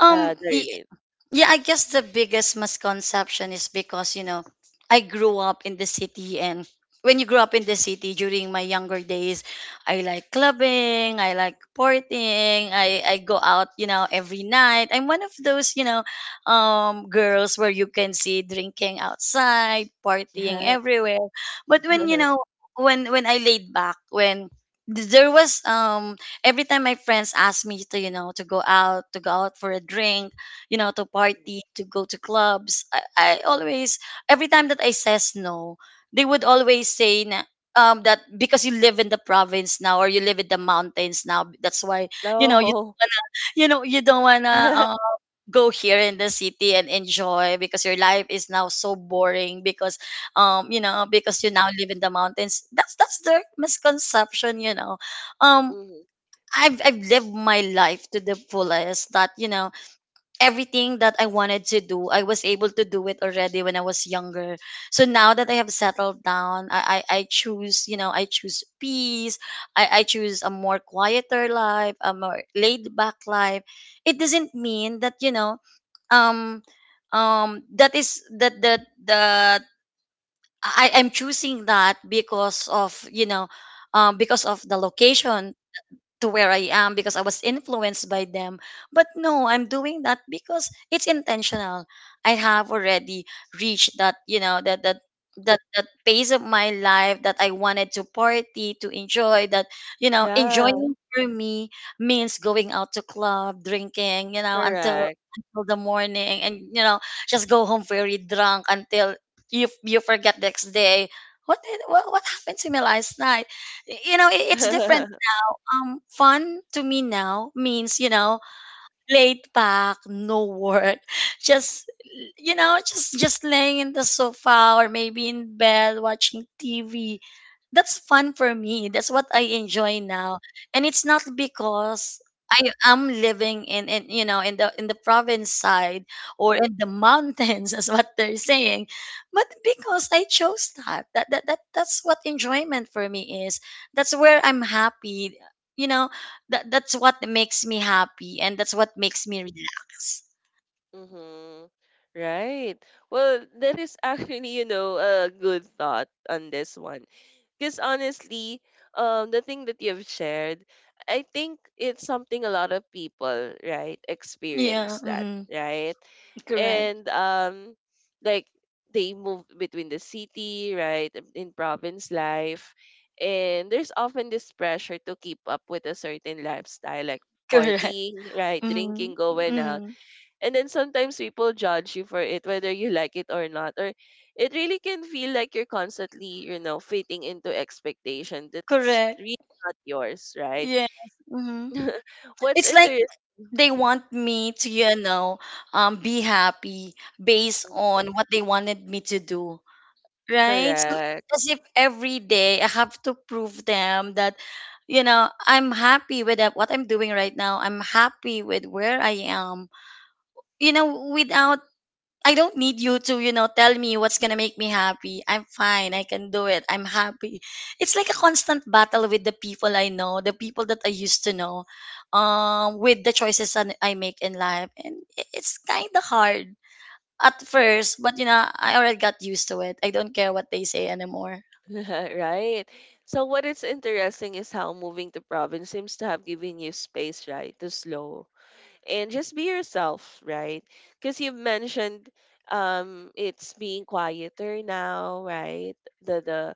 [SPEAKER 2] Um y-
[SPEAKER 1] Darlene?
[SPEAKER 2] Yeah, I guess the biggest misconception is because I grew up in the city, and when you grew up in the city during my younger days, I like clubbing, I like partying, I go out every night. I'm one of those, girls where you can see drinking outside, partying
[SPEAKER 1] Yeah.
[SPEAKER 2] everywhere. But when, you know,
[SPEAKER 1] <laughs>
[SPEAKER 2] when when I laid back, when there was every time my friends asked me to to go out for a drink to
[SPEAKER 1] Mhm,
[SPEAKER 2] party, to go to clubs.
[SPEAKER 1] mhm,
[SPEAKER 2] Every time that I says no, they would always say na, that because you live in the province now, or you live in the mountains now, that's why you don't
[SPEAKER 1] oh.
[SPEAKER 2] wanna, you know, you don't wanna
[SPEAKER 1] <laughs>
[SPEAKER 2] go here in the city and enjoy because your life is now so boring because you now live in the mountains. That's their misconception. Um,
[SPEAKER 1] Mhm,
[SPEAKER 2] I've lived my life to the fullest. That, everything that I wanted to do, I was able to do it already when I was younger. So now that I have settled down, I choose peace. I choose a more quieter life, a more laid back life. It doesn't mean that um that is that that that I am choosing that because of the location to where I am because I was influenced by them. But no, I'm doing that because it's intentional. I have already reached that, you know, that that that that phase of my life that I wanted to party, to enjoy that, you know,
[SPEAKER 1] yeah.
[SPEAKER 2] enjoying for me means going out to club, drinking, you know, until
[SPEAKER 1] Correct.
[SPEAKER 2] until the morning, and just go home very drunk until you forget next day. What, did, what happened to me last night? It's different
[SPEAKER 1] <laughs>
[SPEAKER 2] fun to me now means laid back, no work, just just laying in the sofa, or maybe in bed watching TV. That's fun for me. That's what I enjoy now. And it's not because I am living in the province side or in the mountains <laughs> as what they're saying. But because I chose that. That's what enjoyment for me is. That's where I'm happy. You know, that's what makes me happy, and that's what makes me relax.
[SPEAKER 1] Mhm. Right. Well, that is actually, you know, a good thought on this one. Because honestly, the thing that you've shared, I think it's something a lot of people, right,
[SPEAKER 2] Yeah.
[SPEAKER 1] experience that,
[SPEAKER 2] Hmm.
[SPEAKER 1] right?
[SPEAKER 2] Correct.
[SPEAKER 1] And, like they move between the city, right, in province life, and there's often this pressure to keep up with a certain lifestyle, like
[SPEAKER 2] Correct.
[SPEAKER 1] partying,
[SPEAKER 2] <laughs>
[SPEAKER 1] right,
[SPEAKER 2] Hmm.
[SPEAKER 1] drinking, going out.
[SPEAKER 2] Hmm.
[SPEAKER 1] And then sometimes people judge you for it, whether you like it or not. Or it really can feel like you're constantly, you know, fitting into expectation that's
[SPEAKER 2] Correct.
[SPEAKER 1] really not yours, right?
[SPEAKER 2] Yes. Hmm.
[SPEAKER 1] <laughs> What's
[SPEAKER 2] It's like
[SPEAKER 1] interesting,
[SPEAKER 2] they want me to, be happy based on what they wanted me to do, right? So
[SPEAKER 1] correct.
[SPEAKER 2] as if every day I have to prove them that I'm happy with what I'm doing right now. I'm happy with where I am. You know, without I don't need you to tell me what's gonna make me happy. I'm fine. I can do it. I'm happy. It's like a constant battle with the people I know, the people that I used to know, with the choices that I make in life, and it's kind of hard at first.
[SPEAKER 1] <laughs>
[SPEAKER 2] But I already got used to it. I don't care what they say anymore.
[SPEAKER 1] Right. So what is interesting is how moving to province seems to have given you space, right, to slow and just be yourself, right? Because you mentioned, it's being quieter now, right? The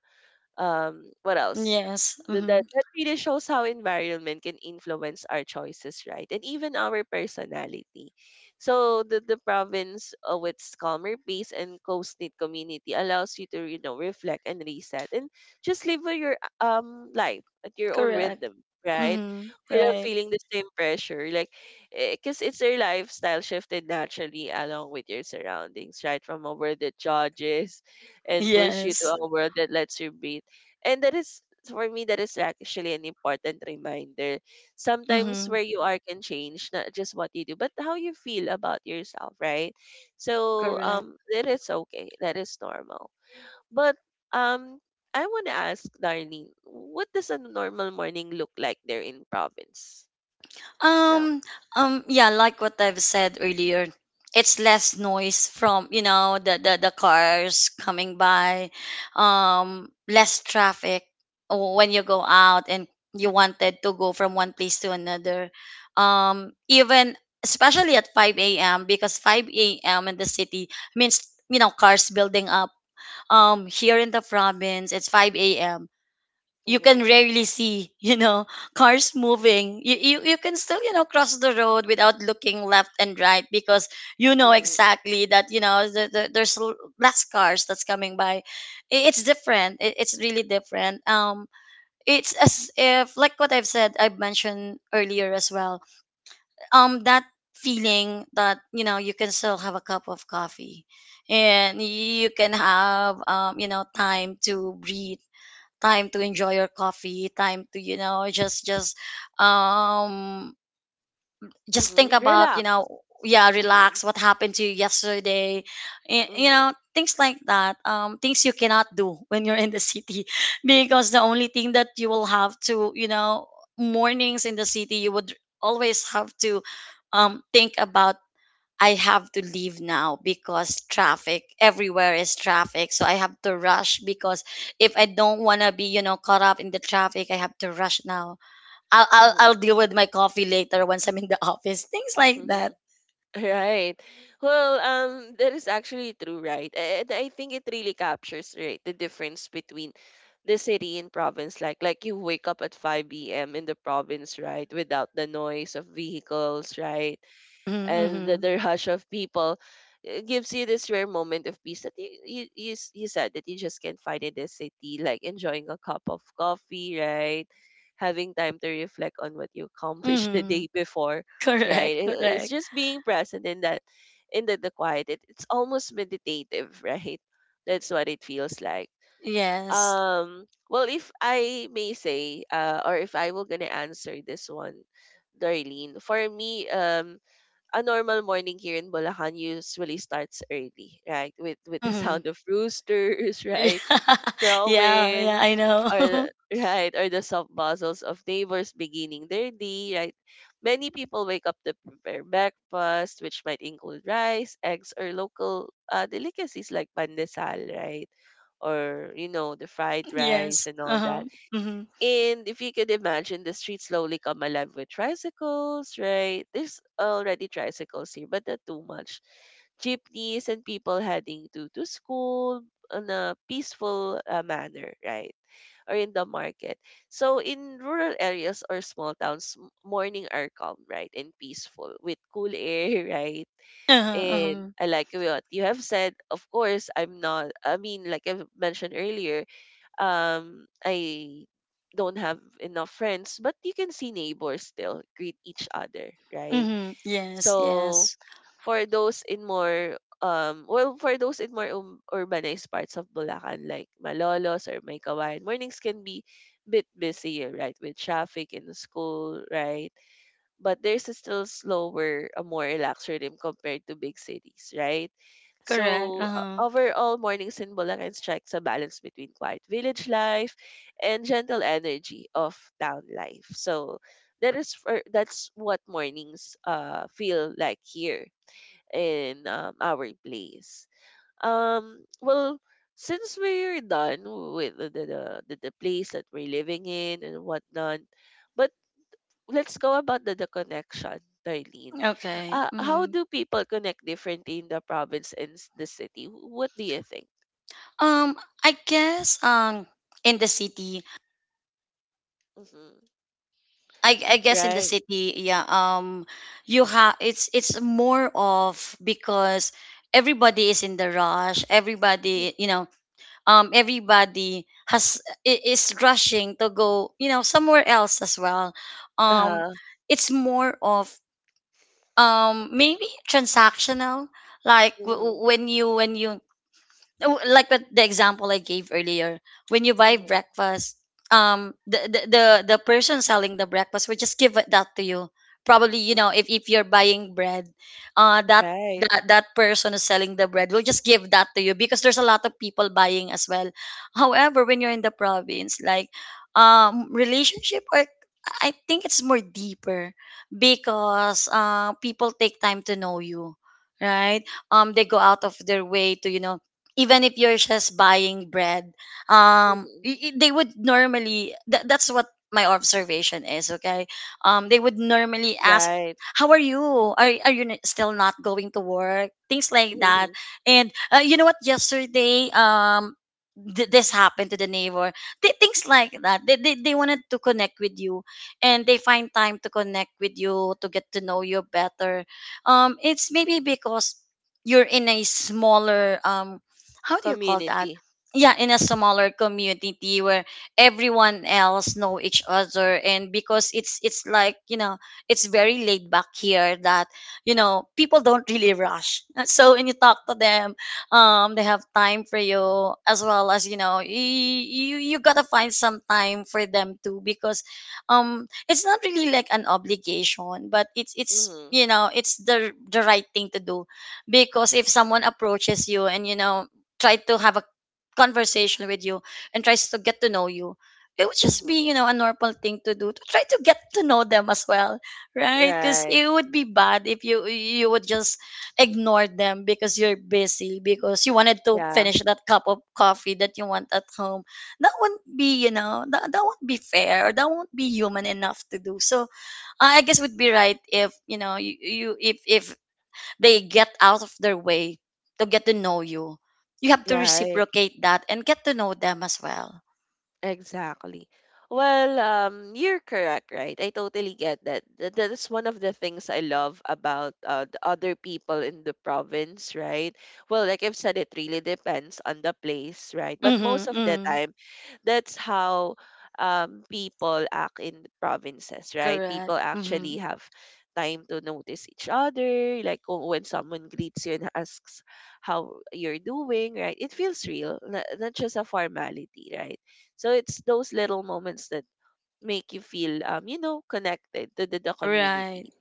[SPEAKER 1] what else
[SPEAKER 2] Yes.
[SPEAKER 1] Th-
[SPEAKER 2] Mm-hmm.
[SPEAKER 1] that that really shows how environment can influence our choices, right, and even our personality. So the province, with its calmer pace and close-knit community, allows you to, you know, reflect and reset and just live with your life at your own
[SPEAKER 2] Correct.
[SPEAKER 1] rhythm, right,
[SPEAKER 2] Mm-hmm.
[SPEAKER 1] without
[SPEAKER 2] Right.
[SPEAKER 1] feeling the same pressure. Like, because it's your lifestyle shifted naturally along with your surroundings, right, from a world that judges and push you to
[SPEAKER 2] Yes.
[SPEAKER 1] a world that lets you breathe. And that is, for me, that is actually an important reminder. Sometimes
[SPEAKER 2] Mm-hmm.
[SPEAKER 1] where you are can change, not just what you do, but how you feel about yourself, right? So
[SPEAKER 2] Correct.
[SPEAKER 1] that is okay. That is normal. But um I wanna ask Darlene, what does a normal morning look like there in province now?
[SPEAKER 2] Um, yeah, like what I've said earlier, it's less noise from, the cars coming by, less traffic, when you go out and you wanted to go from one place to another. Even especially at 5 a.m. because 5 a.m. in the city means cars building up. Here in the province, it's 5 a.m., you can
[SPEAKER 1] Mm-hmm.
[SPEAKER 2] rarely see <laughs> cars moving. You can still cross the road without looking left and right because you know
[SPEAKER 1] Mm-hmm.
[SPEAKER 2] exactly that there's less cars that's coming by. It's different, it's really different. It's as if, like what I've mentioned earlier as well, that feeling that you can still have a cup of coffee, and you can have you know, time to breathe, time to enjoy your coffee, time to um just think
[SPEAKER 1] Mm-hmm.
[SPEAKER 2] about, you
[SPEAKER 1] Relax.
[SPEAKER 2] know. Yeah,
[SPEAKER 1] Mm-hmm.
[SPEAKER 2] relax, what happened to you yesterday, y- you
[SPEAKER 1] Mm-hmm.
[SPEAKER 2] know, things like that. Things you cannot do <laughs> when you're in the city <laughs> because the only thing that you will have to, mornings in the city, you would always have to think about, I have to leave now because traffic, everywhere is traffic. So I have to rush because if I don't want to be, you know, caught up in the traffic, I have to rush now. I'll I'll,
[SPEAKER 1] Mm-hmm.
[SPEAKER 2] I'll deal with my coffee later once I'm in the <laughs> office. Things like that.
[SPEAKER 1] <laughs> Right. Well, that is actually true, right? And I think it really captures, right, the difference between the city and province. Like you wake up at 5 p.m. in the province, right, without the noise of vehicles, right? And the,
[SPEAKER 2] Mm-hmm.
[SPEAKER 1] the rush of people, it gives you this rare moment of peace that you said that you just can't find in the city, like enjoying a cup of coffee, right, having time to reflect on what you
[SPEAKER 2] Mm-hmm.
[SPEAKER 1] accomplished <laughs> the
[SPEAKER 2] Mm-hmm.
[SPEAKER 1] day before,
[SPEAKER 2] <laughs> Correct.
[SPEAKER 1] right. It's
[SPEAKER 2] Correct.
[SPEAKER 1] just being present in that, in the quiet. It's almost meditative, <laughs> right? That's what it feels like.
[SPEAKER 2] Yes.
[SPEAKER 1] Well, if I may say, or if I were gonna answer this one, Darlene, for me, a normal morning here in Bulacan usually starts early, right? With the <laughs>
[SPEAKER 2] Mm-hmm.
[SPEAKER 1] sound of roosters, <laughs>
[SPEAKER 2] <laughs> Yeah.
[SPEAKER 1] right?
[SPEAKER 2] Yeah. Yeah.
[SPEAKER 1] Crowing,
[SPEAKER 2] I know.
[SPEAKER 1] right, or the soft buzzles of neighbors beginning their day, right? Many people wake up to prepare breakfast, which might include rice, eggs, or local, delicacies like pandesal, right? Or, you know, the
[SPEAKER 2] <laughs>
[SPEAKER 1] fried rice
[SPEAKER 2] Yes.
[SPEAKER 1] and all
[SPEAKER 2] Uh-huh.
[SPEAKER 1] that.
[SPEAKER 2] Mm-hmm.
[SPEAKER 1] And if you could imagine, the streets slowly come alive with tricycles, right? There's already tricycles here, but not too much. Jeepneys and people heading to school in a peaceful, manner, right? Or in the market. So in rural areas or small towns, morning are calm, right? And peaceful, with cool air, <laughs> right.
[SPEAKER 2] Uh-huh.
[SPEAKER 1] And
[SPEAKER 2] Uh-huh.
[SPEAKER 1] I like what you have said. Of course, I'm not, I mean, like I mentioned earlier, I don't have enough friends, but you can see neighbors still greet each other, right?
[SPEAKER 2] Mm-hmm. Yes.
[SPEAKER 1] So
[SPEAKER 2] Yes.
[SPEAKER 1] for those in more well for those in more urbanized parts of Bulacan like Malolos or Maykawayan, mornings can be bit busier, right? With traffic in school, right? But there's a still slower, a more relaxed rhythm compared to big cities, right?
[SPEAKER 2] Correct.
[SPEAKER 1] So
[SPEAKER 2] Uh-huh.
[SPEAKER 1] overall, mornings in Bulacan strikes a balance between quiet village life and gentle energy of town life. So that is for that's what mornings feel like here in, our place. Well, since we're done with the place that we're living in and whatnot, but let's go about the connection, Darlene.
[SPEAKER 2] Okay.
[SPEAKER 1] How
[SPEAKER 2] Mm-hmm.
[SPEAKER 1] do people connect differently in the province and the city? What do you think?
[SPEAKER 2] Um, I guess in the city,
[SPEAKER 1] Hmm.
[SPEAKER 2] I guess in the
[SPEAKER 1] Right.
[SPEAKER 2] city, yeah. You have, it's more of because everybody is in the rush. Everybody, you know, everybody has is rushing to go, you know, somewhere else as well. Um,
[SPEAKER 1] Uh,
[SPEAKER 2] it's more of maybe transactional, like
[SPEAKER 1] mm-hmm,
[SPEAKER 2] when you oh, like the example I gave earlier, when you buy
[SPEAKER 1] hmm,
[SPEAKER 2] breakfast, the, the person selling the breakfast will just give it that to you. Probably, you know,
[SPEAKER 1] hmm.
[SPEAKER 2] if you're buying bread, uh, that
[SPEAKER 1] Right.
[SPEAKER 2] that person is selling the bread will just give that to you because there's a lot of people buying as well. However, when you're in the province, like, relationship, or I think it's more deeper because people take time to know you, right? They go out of their way to, you know, even if you're just buying bread,
[SPEAKER 1] Hmm.
[SPEAKER 2] they would normally, that, that's what my observation is, okay? They would normally ask,
[SPEAKER 1] Right.
[SPEAKER 2] how are you, are, still not going to work, things like that.
[SPEAKER 1] Hmm.
[SPEAKER 2] And you know what, yesterday, this happened to the neighbor. Things like that, they wanted to connect with you, and they find time to connect with you to get to know you better. It's maybe because you're in a smaller how do you call that?
[SPEAKER 1] Community.
[SPEAKER 2] Yeah, in a smaller community where everyone else know each other, and because it's like, you know, it's very laid back here that, you know, people don't really rush. <laughs> So when you talk to them, they have time for you, as well as, you know, you got to find some time for them too because it's not really like an obligation, but it's
[SPEAKER 1] Mm-hmm,
[SPEAKER 2] you know, it's the right thing to do because if someone approaches you and you know, try to have a conversation with you and tries to get to know you, it would just be,
[SPEAKER 1] hmm.
[SPEAKER 2] you know, a normal thing to do, to try to get to know them as well, right? Because
[SPEAKER 1] Right.
[SPEAKER 2] it would be bad if you would just ignore them because you're busy, because you wanted to
[SPEAKER 1] Yeah.
[SPEAKER 2] finish that cup of coffee that you want at home. That wouldn't be, you know, that won't be fair, or that won't be human enough to do so. I guess it would be right if you know you, you if they get out of their way to get to know you, you have to
[SPEAKER 1] Right.
[SPEAKER 2] reciprocate that and get to know them as well.
[SPEAKER 1] Exactly. Well, you're correct, right? I totally get that. That's one of the things I love about, the other people in the province, right? Well, like I've said, it really depends on the place, right? But most
[SPEAKER 2] Mm-hmm,
[SPEAKER 1] of the
[SPEAKER 2] mm,
[SPEAKER 1] time, that's how, people act in the provinces, right? People
[SPEAKER 2] correct.
[SPEAKER 1] actually
[SPEAKER 2] Mm-hmm.
[SPEAKER 1] have time to notice each other, like when someone greets you and asks how you're doing, right? It feels real, not, not just a formality, right? So it's those little moments that make you feel, you know, connected to the
[SPEAKER 2] Right,
[SPEAKER 1] community,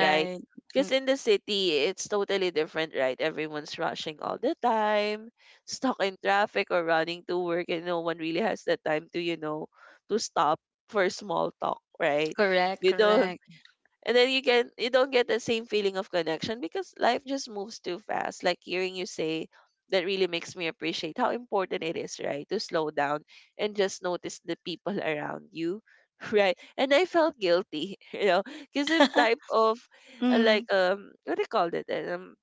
[SPEAKER 1] right? Because in the city, it's totally different, right? Everyone's rushing all the time, <laughs> stuck in traffic or running to work, and no one really has the time to, you know, to stop for small talk, right?
[SPEAKER 2] Correct,
[SPEAKER 1] You don't,
[SPEAKER 2] correct.
[SPEAKER 1] and then you get, you don't get the same feeling of connection because life just moves too fast. Like, hearing you say that really makes me appreciate how important it is, right, to slow down and just notice the people around you, <laughs> right. And I felt guilty, <laughs> you know, because I'm
[SPEAKER 2] <laughs>
[SPEAKER 1] type of, like,
[SPEAKER 2] Mm,
[SPEAKER 1] what do you call it,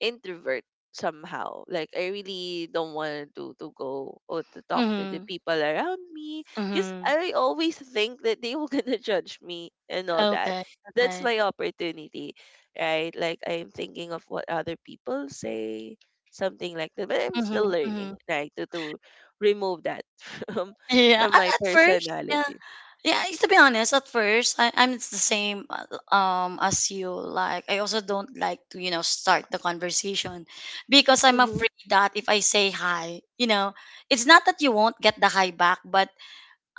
[SPEAKER 1] introvert somehow. Like, I really don't want to go or to talk to the
[SPEAKER 2] mm-hmm,
[SPEAKER 1] people around me because
[SPEAKER 2] mm-hmm.
[SPEAKER 1] I always think that they <laughs> were gonna judge me and all that.
[SPEAKER 2] Okay,
[SPEAKER 1] That's
[SPEAKER 2] okay.
[SPEAKER 1] my opportunity, right? Like, I'm thinking of what other people say, something like that. But I'm
[SPEAKER 2] Mm-hmm,
[SPEAKER 1] still learning,
[SPEAKER 2] mm-hmm.
[SPEAKER 1] right? To remove that <laughs> from
[SPEAKER 2] Yeah,
[SPEAKER 1] from my
[SPEAKER 2] at first, yeah.
[SPEAKER 1] personality.
[SPEAKER 2] Yeah, to be honest, at first I, I'm it's the same as you. Like I also don't like to start the conversation because I'm
[SPEAKER 1] Mm-hmm.
[SPEAKER 2] afraid that if I say hi, it's not that you won't get the hi back, but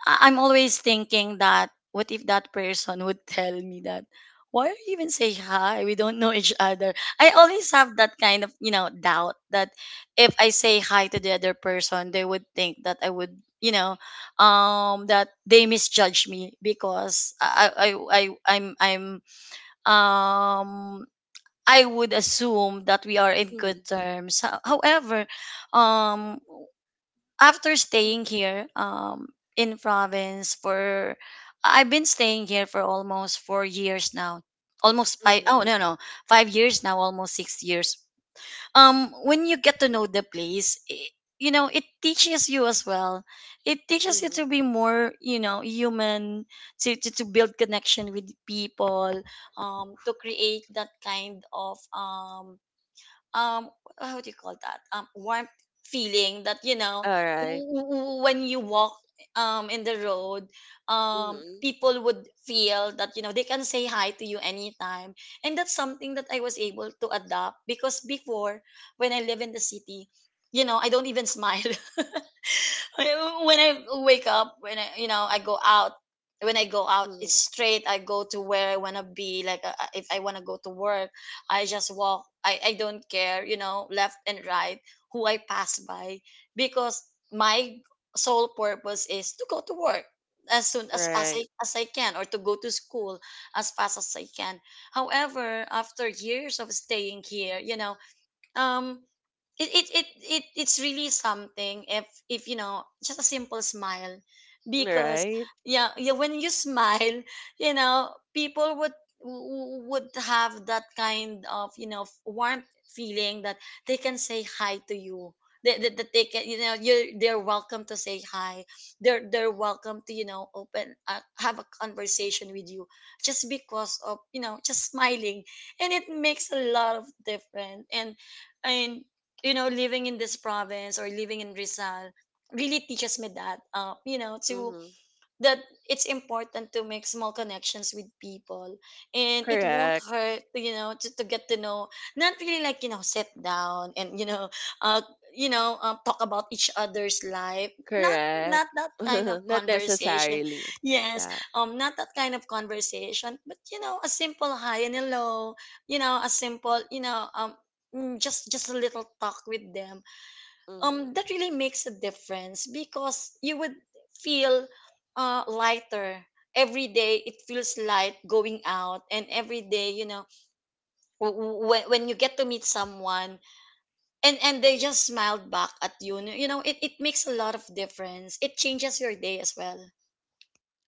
[SPEAKER 2] I'm always thinking that what if that person would <laughs> tell me that, why are you even say hi? We don't know each other. I always have that kind of doubt that if I say hi to the other person, they would think that I would you know that they misjudge me because I- am I'm um I would assume that we are in
[SPEAKER 1] Mm-hmm.
[SPEAKER 2] good terms. However, um after staying here in province for I've been staying here for almost 4 years now. Almost five, oh,
[SPEAKER 1] Mm-hmm.
[SPEAKER 2] no, no, 5 years now, almost 6 years. When you get to know the place, it teaches you as well. It teaches you
[SPEAKER 1] Mm-hmm.
[SPEAKER 2] to be more, you know, human, to build connection with people, to create that kind of um how do you call that? Warm feeling that,
[SPEAKER 1] All right.
[SPEAKER 2] when you walk in the road,
[SPEAKER 1] Mm-hmm.
[SPEAKER 2] people would feel that, they can say hi to you anytime. And that's something that I was able to adopt, because before, when I live in the city, I don't even smile. <laughs> <laughs> When I wake up, when I go out,
[SPEAKER 1] Mm-hmm.
[SPEAKER 2] it's straight. I go to where I want to be. Like, if I want to go to work, I just walk. I don't care, left and right, who I pass by, because my sole purpose is to go to work as soon as, as, I,
[SPEAKER 1] Right.
[SPEAKER 2] as I can, or to go to school as fast as I can. However, after years of staying here, um it's really something, if just a simple smile. Because
[SPEAKER 1] Right.
[SPEAKER 2] yeah, yeah, when you <laughs> smile, people would would have that kind of, warm feeling that they can say hi to you, that they can, you're they're welcome to say hi, they're welcome to you know open have a conversation with you, just because of just smiling. And it makes a lot of difference. And, living in this province, or living in Rizal, really teaches me
[SPEAKER 1] Mm-hmm.
[SPEAKER 2] that it's important to make small connections with people. And it won't
[SPEAKER 1] Correct,
[SPEAKER 2] hurt to, get to know — not really like, sit down and <laughs> uh talk about each other's life. not
[SPEAKER 1] correct.
[SPEAKER 2] not that kind of
[SPEAKER 1] <laughs> Not
[SPEAKER 2] conversation.
[SPEAKER 1] necessarily.
[SPEAKER 2] Yes,
[SPEAKER 1] Yeah.
[SPEAKER 2] not that kind of conversation, but, a simple hi and hello. A simple, just a little talk with them.
[SPEAKER 1] Hmm.
[SPEAKER 2] That really makes a difference, because you would feel lighter. Every day it feels light going out, and every day, when you get to meet someone and they just smiled back at you, you know it makes a lot of difference. It changes your day as well.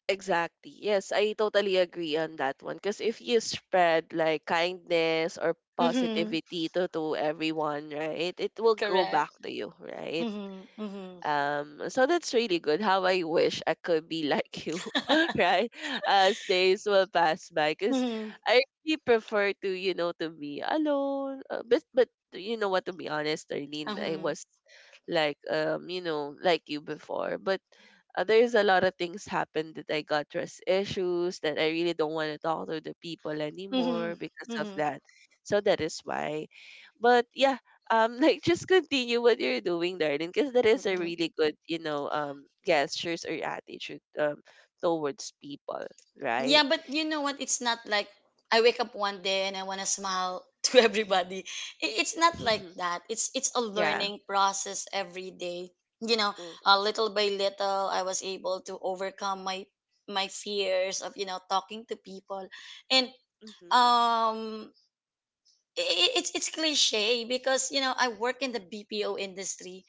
[SPEAKER 1] Exactly. Yes, I totally agree on that one. Because if you spread like, kindness or
[SPEAKER 2] Mm-hmm.
[SPEAKER 1] positivity to everyone, right, it will go
[SPEAKER 2] Correct.
[SPEAKER 1] back to you, right?
[SPEAKER 2] Mm-hmm. Mm-hmm.
[SPEAKER 1] So that's really good. How I wish I could be like you, <laughs> right? As days will pass by, because
[SPEAKER 2] Mm-hmm.
[SPEAKER 1] I really prefer to, you know, to be alone. But you know what? To be honest, Arlene, I
[SPEAKER 2] Mm-hmm.
[SPEAKER 1] was like, you know, like you before. But there's a lot of things happened that I got trust issues that I really don't want to talk to the people
[SPEAKER 2] Mm-hmm.
[SPEAKER 1] anymore because of
[SPEAKER 2] Mm-hmm.
[SPEAKER 1] that. So that is why. But yeah, <laughs> like, just continue what you're doing, darling, because that is a
[SPEAKER 2] Mm-hmm.
[SPEAKER 1] really good, you know, gestures or attitude towards people,
[SPEAKER 2] Yeah,
[SPEAKER 1] right?
[SPEAKER 2] but you know what? It's not like I wake up one day and I want to smile <laughs> to everybody. It's not like
[SPEAKER 1] Mm-hmm.
[SPEAKER 2] that. It's a
[SPEAKER 1] Yeah.
[SPEAKER 2] learning process every day. You know,
[SPEAKER 1] Mm-hmm.
[SPEAKER 2] little by little, I was able to overcome my fears of talking to people. And um, it's cliche, because I work in the BPO industry,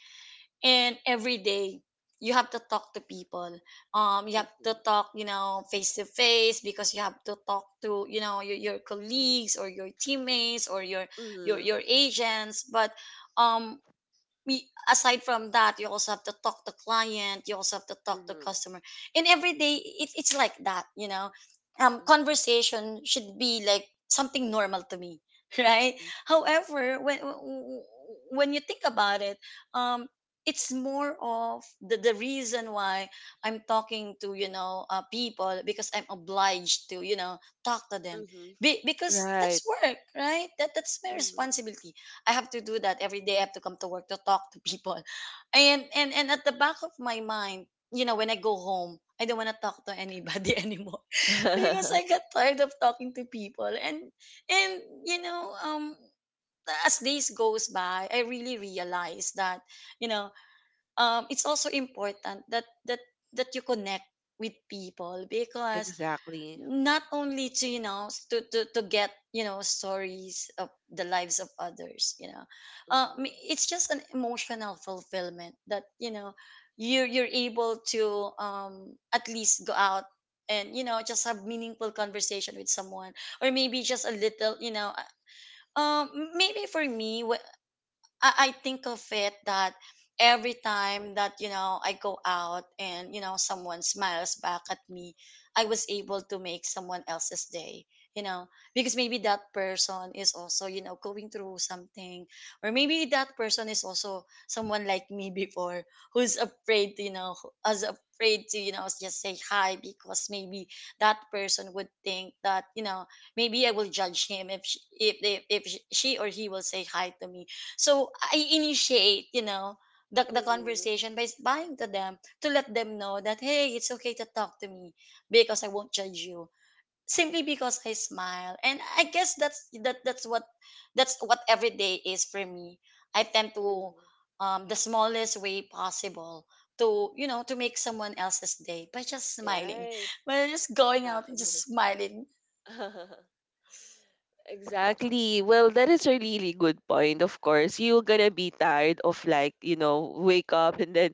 [SPEAKER 2] and every day you have to talk to people. You have to
[SPEAKER 1] Mm-hmm.
[SPEAKER 2] talk face to face, because you have to talk to, your colleagues, or your teammates, or your your
[SPEAKER 1] Mm-hmm.
[SPEAKER 2] your agents. But um we aside from that, you also have to talk to client, you also have to talk to
[SPEAKER 1] Mm-hmm.
[SPEAKER 2] customer. And every day it's like that.
[SPEAKER 1] Mm-hmm.
[SPEAKER 2] Conversation should be like something normal to me, <laughs> right? However, when you think about it, um it's more of the reason why I'm talking to people, because I'm obliged to talk to them.
[SPEAKER 1] Mm-hmm.
[SPEAKER 2] Be,
[SPEAKER 1] Mm-hmm.
[SPEAKER 2] because
[SPEAKER 1] Right.
[SPEAKER 2] that's work, right? That's my
[SPEAKER 1] Mm-hmm.
[SPEAKER 2] responsibility. I have to do that every day. I have to come to work to talk to people. and at the back of my mind, when I go home, I don't want to talk to anybody <laughs> anymore, because
[SPEAKER 1] <laughs>
[SPEAKER 2] I got tired of talking to people. And you know, um as days goes by, I really realize that, you know, it's also important that you connect with people. Because
[SPEAKER 1] exactly.
[SPEAKER 2] not only to, to get, stories of the lives of others. I mean,
[SPEAKER 1] Mm-hmm.
[SPEAKER 2] it's just an emotional fulfillment that you're able to at least go out and, just have meaningful conversation with someone, or maybe just a little, um maybe for me — I think of it that every time that I go out, and someone smiles back at me, I was able to make someone else's day. You know, because maybe that person is also going through something, or maybe that person is also someone like me before, who's afraid to you know as afraid to you know just say hi, because maybe that person would think that maybe I will judge him if she or he will say hi to me. So I initiate, the
[SPEAKER 1] Mm-hmm.
[SPEAKER 2] conversation by buying to them, to let them know that hey, it's okay to talk to me, because I won't judge you simply because I smile. And I guess that's what every day is for me. I tend to,
[SPEAKER 1] Mm,
[SPEAKER 2] the smallest way possible, to, to make someone else's day by just smiling,
[SPEAKER 1] right.
[SPEAKER 2] by just going out and just
[SPEAKER 1] Exactly.
[SPEAKER 2] smiling.
[SPEAKER 1] <laughs> Exactly. Well, that is a really good point. Of course, you're gonna be tired of, like, you know, wake up and then,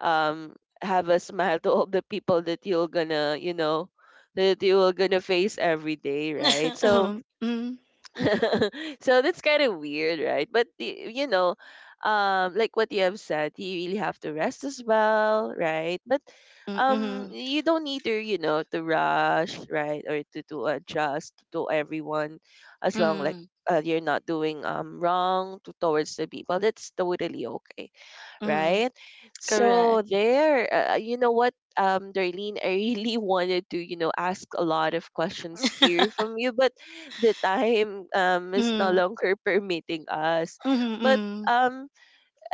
[SPEAKER 1] um have a smile to all the people that you're gonna, you know, that you are gonna face every day, right?
[SPEAKER 2] <laughs>
[SPEAKER 1] So,
[SPEAKER 2] Mm. hmm
[SPEAKER 1] <laughs> so that's kind of weird, right? But you know, like what you have said, you really have to rest as well, right? But
[SPEAKER 2] mm. hmm
[SPEAKER 1] you don't need to, you know, to rush, right, or to adjust to everyone, as long like,
[SPEAKER 2] mm.
[SPEAKER 1] you're not doing, wrong to, towards the people. That's totally okay,
[SPEAKER 2] hmm.
[SPEAKER 1] right? So
[SPEAKER 2] Correct.
[SPEAKER 1] there, you know what, Darlene, I really <laughs> wanted to, you know, ask a lot of questions here
[SPEAKER 2] <laughs>
[SPEAKER 1] from you, but the time is no
[SPEAKER 2] Mm-hmm.
[SPEAKER 1] longer <laughs> permitting us.
[SPEAKER 2] Mm-hmm.
[SPEAKER 1] But
[SPEAKER 2] Mm-hmm.
[SPEAKER 1] um,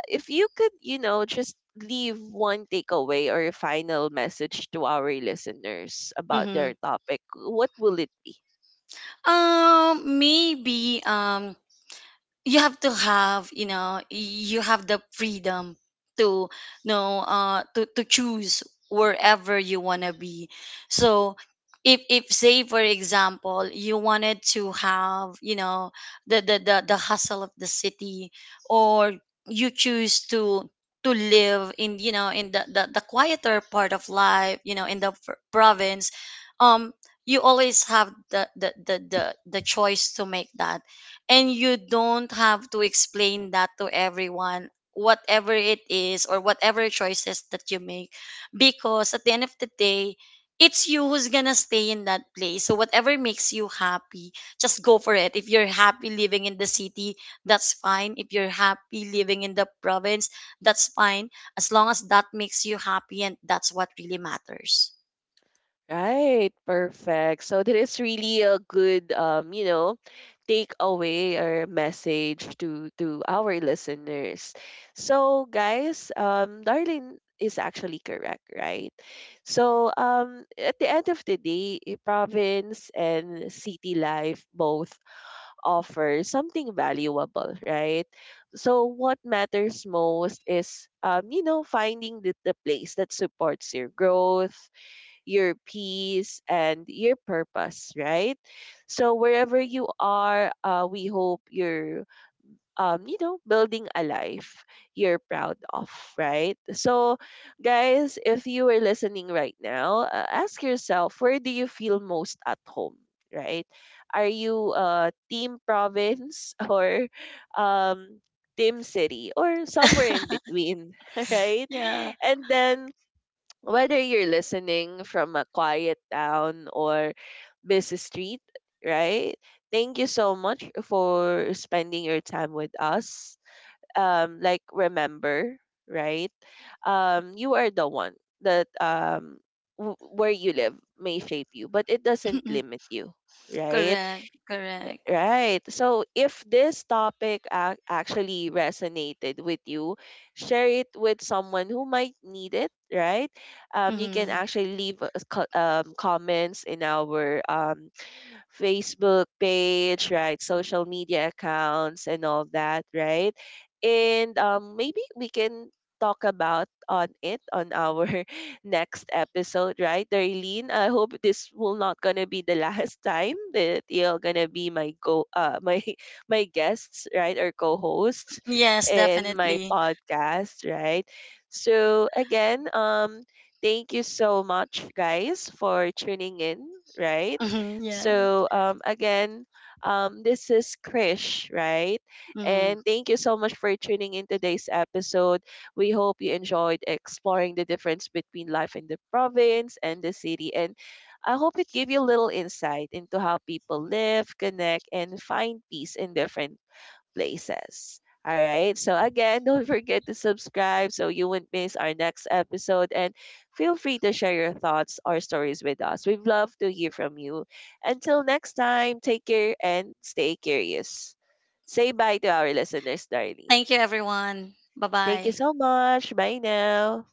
[SPEAKER 1] if you could, you know, just leave one takeaway or a final message to our listeners about
[SPEAKER 2] Mm-hmm.
[SPEAKER 1] their topic, what will it.
[SPEAKER 2] Maybe you have to have you know you have the freedom to to choose wherever you want to be. So, if say, for example, you wanted to have the hustle of the city, or you choose to live in, in the quieter part of life, in the province. um you always have the choice to make that, and you don't have to explain that to everyone, whatever it is or whatever choices that you make, because at the end of the day, it's you who's gonna stay in that place. So whatever makes you happy, just go for it. If you're happy living in the city, that's fine. If you're happy living in the province, that's fine. As long as that makes you happy, and that's what really matters.
[SPEAKER 1] Right, perfect. So that is really a good, you know, takeaway or message to our listeners. So guys, Darlene is actually correct, right? So at the end of the day, eh, province and city life both offer something valuable, right? So what matters most is, you know, finding the place that supports your growth, your peace and your purpose, right? So wherever you are, we hope you're, you know, building a life you're proud of, right? So, guys, if you are listening right now, ask yourself, where do you feel most at home, right? Are you, team province <laughs> or, um, team city or somewhere in
[SPEAKER 2] <laughs>
[SPEAKER 1] between, <laughs> right?
[SPEAKER 2] Yeah.
[SPEAKER 1] And then whether you're listening from a quiet town or busy street, right? Thank you so much for spending your time with us. Like, remember, right? You are the one that where you live may shape you, but it doesn't
[SPEAKER 2] <laughs>
[SPEAKER 1] limit you, right?
[SPEAKER 2] Correct, correct.
[SPEAKER 1] Right. So if this topic actually resonated with you, share it with someone who might need it, right? You can
[SPEAKER 2] Hmm.
[SPEAKER 1] actually leave us comments in our, Facebook page, right? Social media accounts and all that, right? And maybe we can talk about on it on our <laughs> next episode, right, Darlene? I hope this will not gonna be the <laughs> last time that you're gonna be my go my <laughs> my guests, right, or co-hosts
[SPEAKER 2] Yes,
[SPEAKER 1] in my
[SPEAKER 2] definitely.
[SPEAKER 1] podcast, right? So again, thank you so much, guys, for tuning in, right?
[SPEAKER 2] Hmm. Yeah.
[SPEAKER 1] So again, this is Krish, right?
[SPEAKER 2] Hmm.
[SPEAKER 1] And thank you so much for tuning in today's episode. We hope you enjoyed exploring the difference between life in the province and the city. And I hope it gave you a little insight into how people live, connect, and find peace in different places. All right. So, again, don't forget to subscribe so you won't miss our next episode. And feel free to share your thoughts or stories with us. We'd love to hear from you. Until next time, take care and stay curious. Say bye to our listeners, Darlene.
[SPEAKER 2] Thank you, everyone. Bye
[SPEAKER 1] Thank you
[SPEAKER 2] bye.
[SPEAKER 1] so much. Bye now.